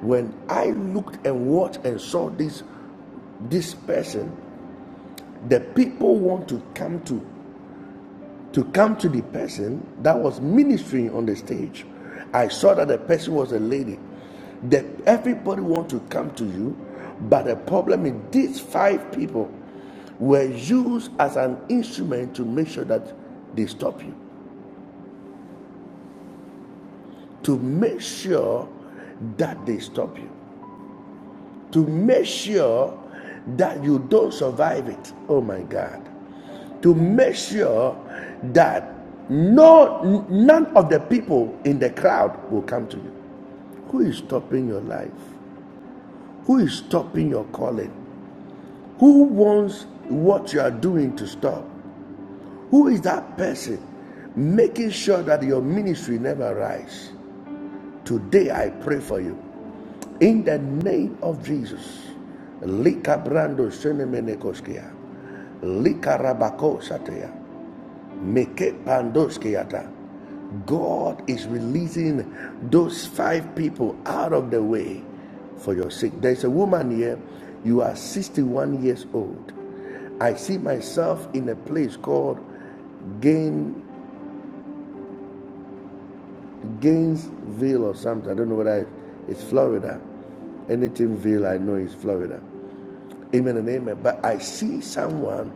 when I looked and watched and saw this this person, the people want to come to to come to the person that was ministering on the stage. I saw that the person was a lady. That everybody want to come to you, but the problem is these five people were used as an instrument to make sure that they stop you, to make sure that they stop you, to make sure that you don't survive it. Oh my God. to make sure that no none of the people in the crowd will come to you who is stopping your life who is stopping your calling who wants what you are doing to stop who is that person making sure that your ministry never rise today i pray for you in the name of jesus lika brando shenemenekoskia lika rabako satea Meke Pandoskeyata. God is releasing those five people out of the way for your sake. There's a woman here, you are 61 years old. I see myself in a place called Gain, Gainesville or something. I don't know what I. it's Florida. Anythingville I know is Florida. Amen and amen. But I see someone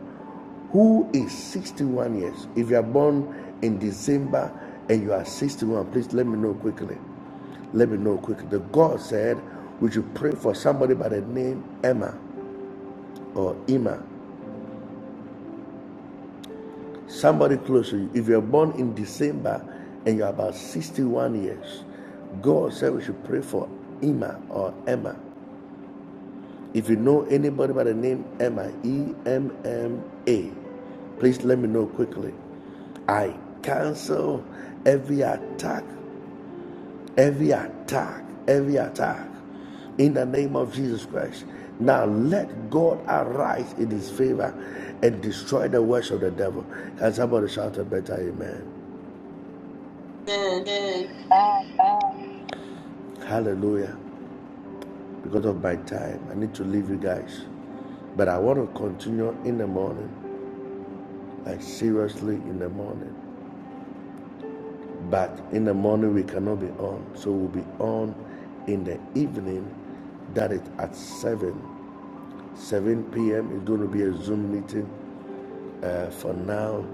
who is 61 years. If you are born in December and you are 61, please let me know quickly. Let me know quickly. The God said we should pray for somebody by the name Emma or Emma. Somebody close to you. If you are born in December and you are about 61 years, God said we should pray for Emma or Emma. If you know anybody by the name Emma, E M M A, please let me know quickly. I cancel every attack, every attack, every attack in the name of Jesus Christ. Now let God arise in his favor and destroy the works of the devil. Can somebody shout a better amen?
Bye.
Hallelujah. Because of my time, I need to leave you guys. But I want to continue in the morning. like seriously in the morning. But in the morning we cannot be on, so we'll be on in the evening. That is at seven, seven p.m. is going to be a Zoom meeting. Uh, for now,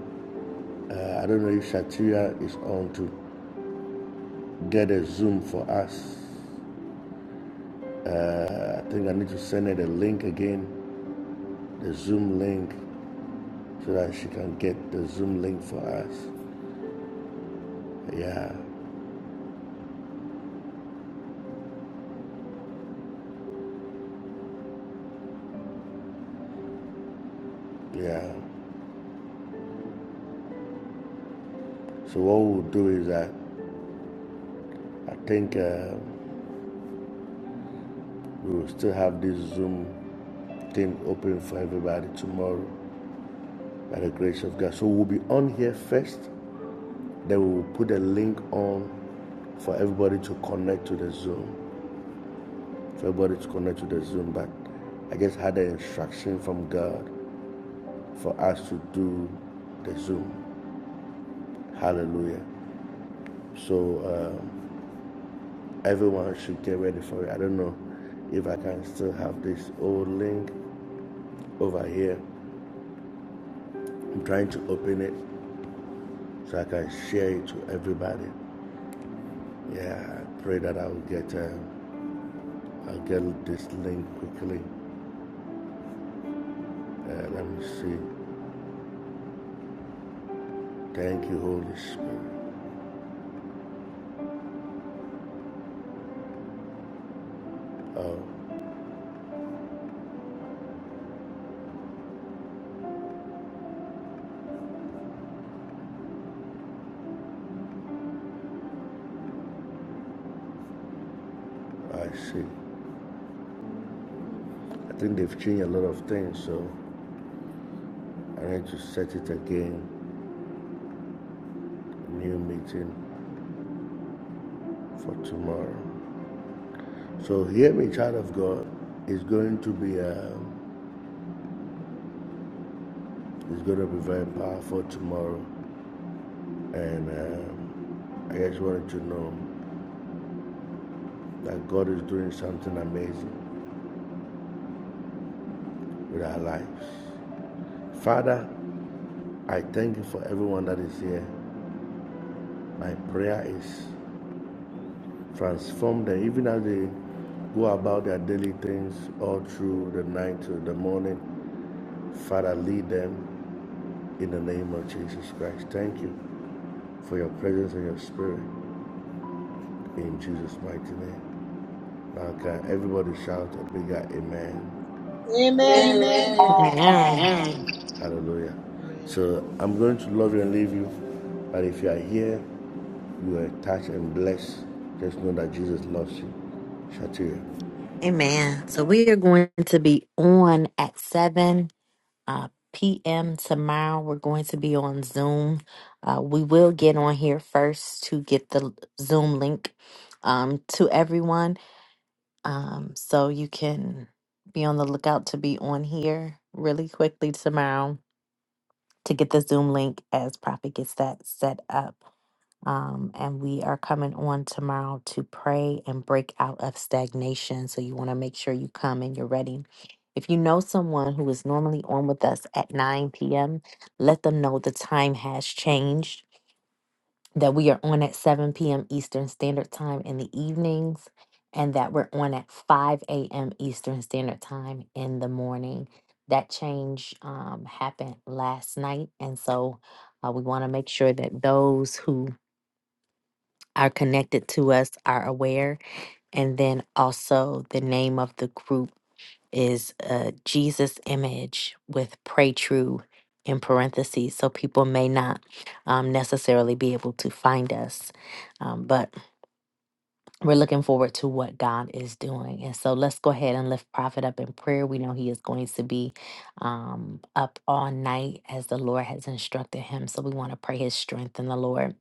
uh, I don't know if Shatria is on to get a Zoom for us. Uh, I think I need to send her the link again, the Zoom link, so that she can get the Zoom link for us. Yeah, yeah. So what we'll do is that I think. Uh, We will still have this Zoom thing open for everybody tomorrow by the grace of God. So we'll be on here first, then we will put a link on for everybody to connect to the Zoom. For everybody to connect to the Zoom. But I just had an instruction from God for us to do the Zoom. Hallelujah. So um, everyone should get ready for it. I don't know if I can still have this old link over here. I'm trying to open it so I can share it to everybody. Yeah, I pray that I will get uh, I'll get this link quickly. Uh, let me see. Thank you, Holy Spirit. Oh, I see. I think they've changed a lot of things, so I need to set it again. New meeting for tomorrow. So hear me, child of God. It's going to be um, it's going to be very powerful tomorrow, and um, I just wanted to know that God is doing something amazing. with our lives. Father, I thank you for everyone that is here. My prayer is transform them, even as they go about their daily things all through the night to the morning. Father, lead them in the name of Jesus Christ. Thank you for your presence and your spirit in Jesus' mighty name. Now, can everybody shout a bigger amen?
Amen.
Amen. Hallelujah. So I'm going to love you and leave you. But if you are here you are touched and blessed, just know that Jesus loves you. Shatira.
Amen. So we are going to be on at 7 uh, p.m. tomorrow. We're going to be on Zoom. Uh, we will get on here first to get the Zoom link um, to everyone. Um, so you can be on the lookout to be on here really quickly tomorrow to get the Zoom link as Prophet gets that set up. Um, and we are coming on tomorrow to pray and break out of stagnation. So you want to make sure you come and you're ready if you know someone who is normally on with us at 9 p.m., let them know the time has changed, that we are on at 7 p.m. Eastern Standard Time in the evenings, and that we're on at 5 a.m. Eastern Standard Time in the morning. That change um, happened last night, and so uh, we want to make sure that those who are connected to us are aware, and then also the name of the group is a Jesus image with pray true in parentheses, so people may not um, necessarily be able to find us. Um, but we're looking forward to what God is doing. And so let's go ahead and lift Prophet up in prayer. We know he is going to be um, up all night as the Lord has instructed him. So we want to pray his strength in the Lord.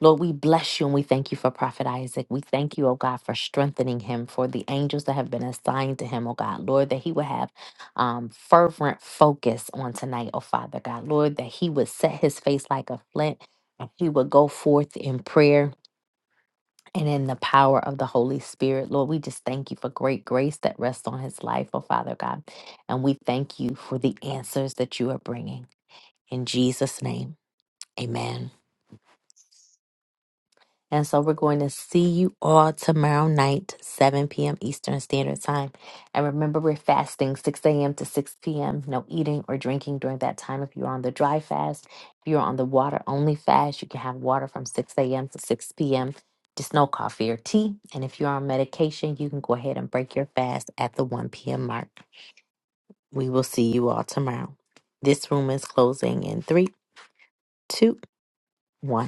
Lord, we bless you and we thank you for Prophet Isaac. We thank you, oh God, for strengthening him, for the angels that have been assigned to him, oh God. Lord, that he would have um, fervent focus on tonight, oh Father God. Lord, that he would set his face like a flint and he would go forth in prayer and in the power of the Holy Spirit. Lord, we just thank you for great grace that rests on his life, oh Father God. And we thank you for the answers that you are bringing. In Jesus' name, amen. And so we're going to see you all tomorrow night, 7 p.m. Eastern Standard Time. And remember, we're fasting 6 a.m. to 6 p.m. No eating or drinking during that time. If you're on the dry fast, if you're on the water only fast, you can have water from 6 a.m. to 6 p.m. Just no coffee or tea. And if you're on medication, you can go ahead and break your fast at the 1 p.m. mark. We will see you all tomorrow. This room is closing in three, two, one.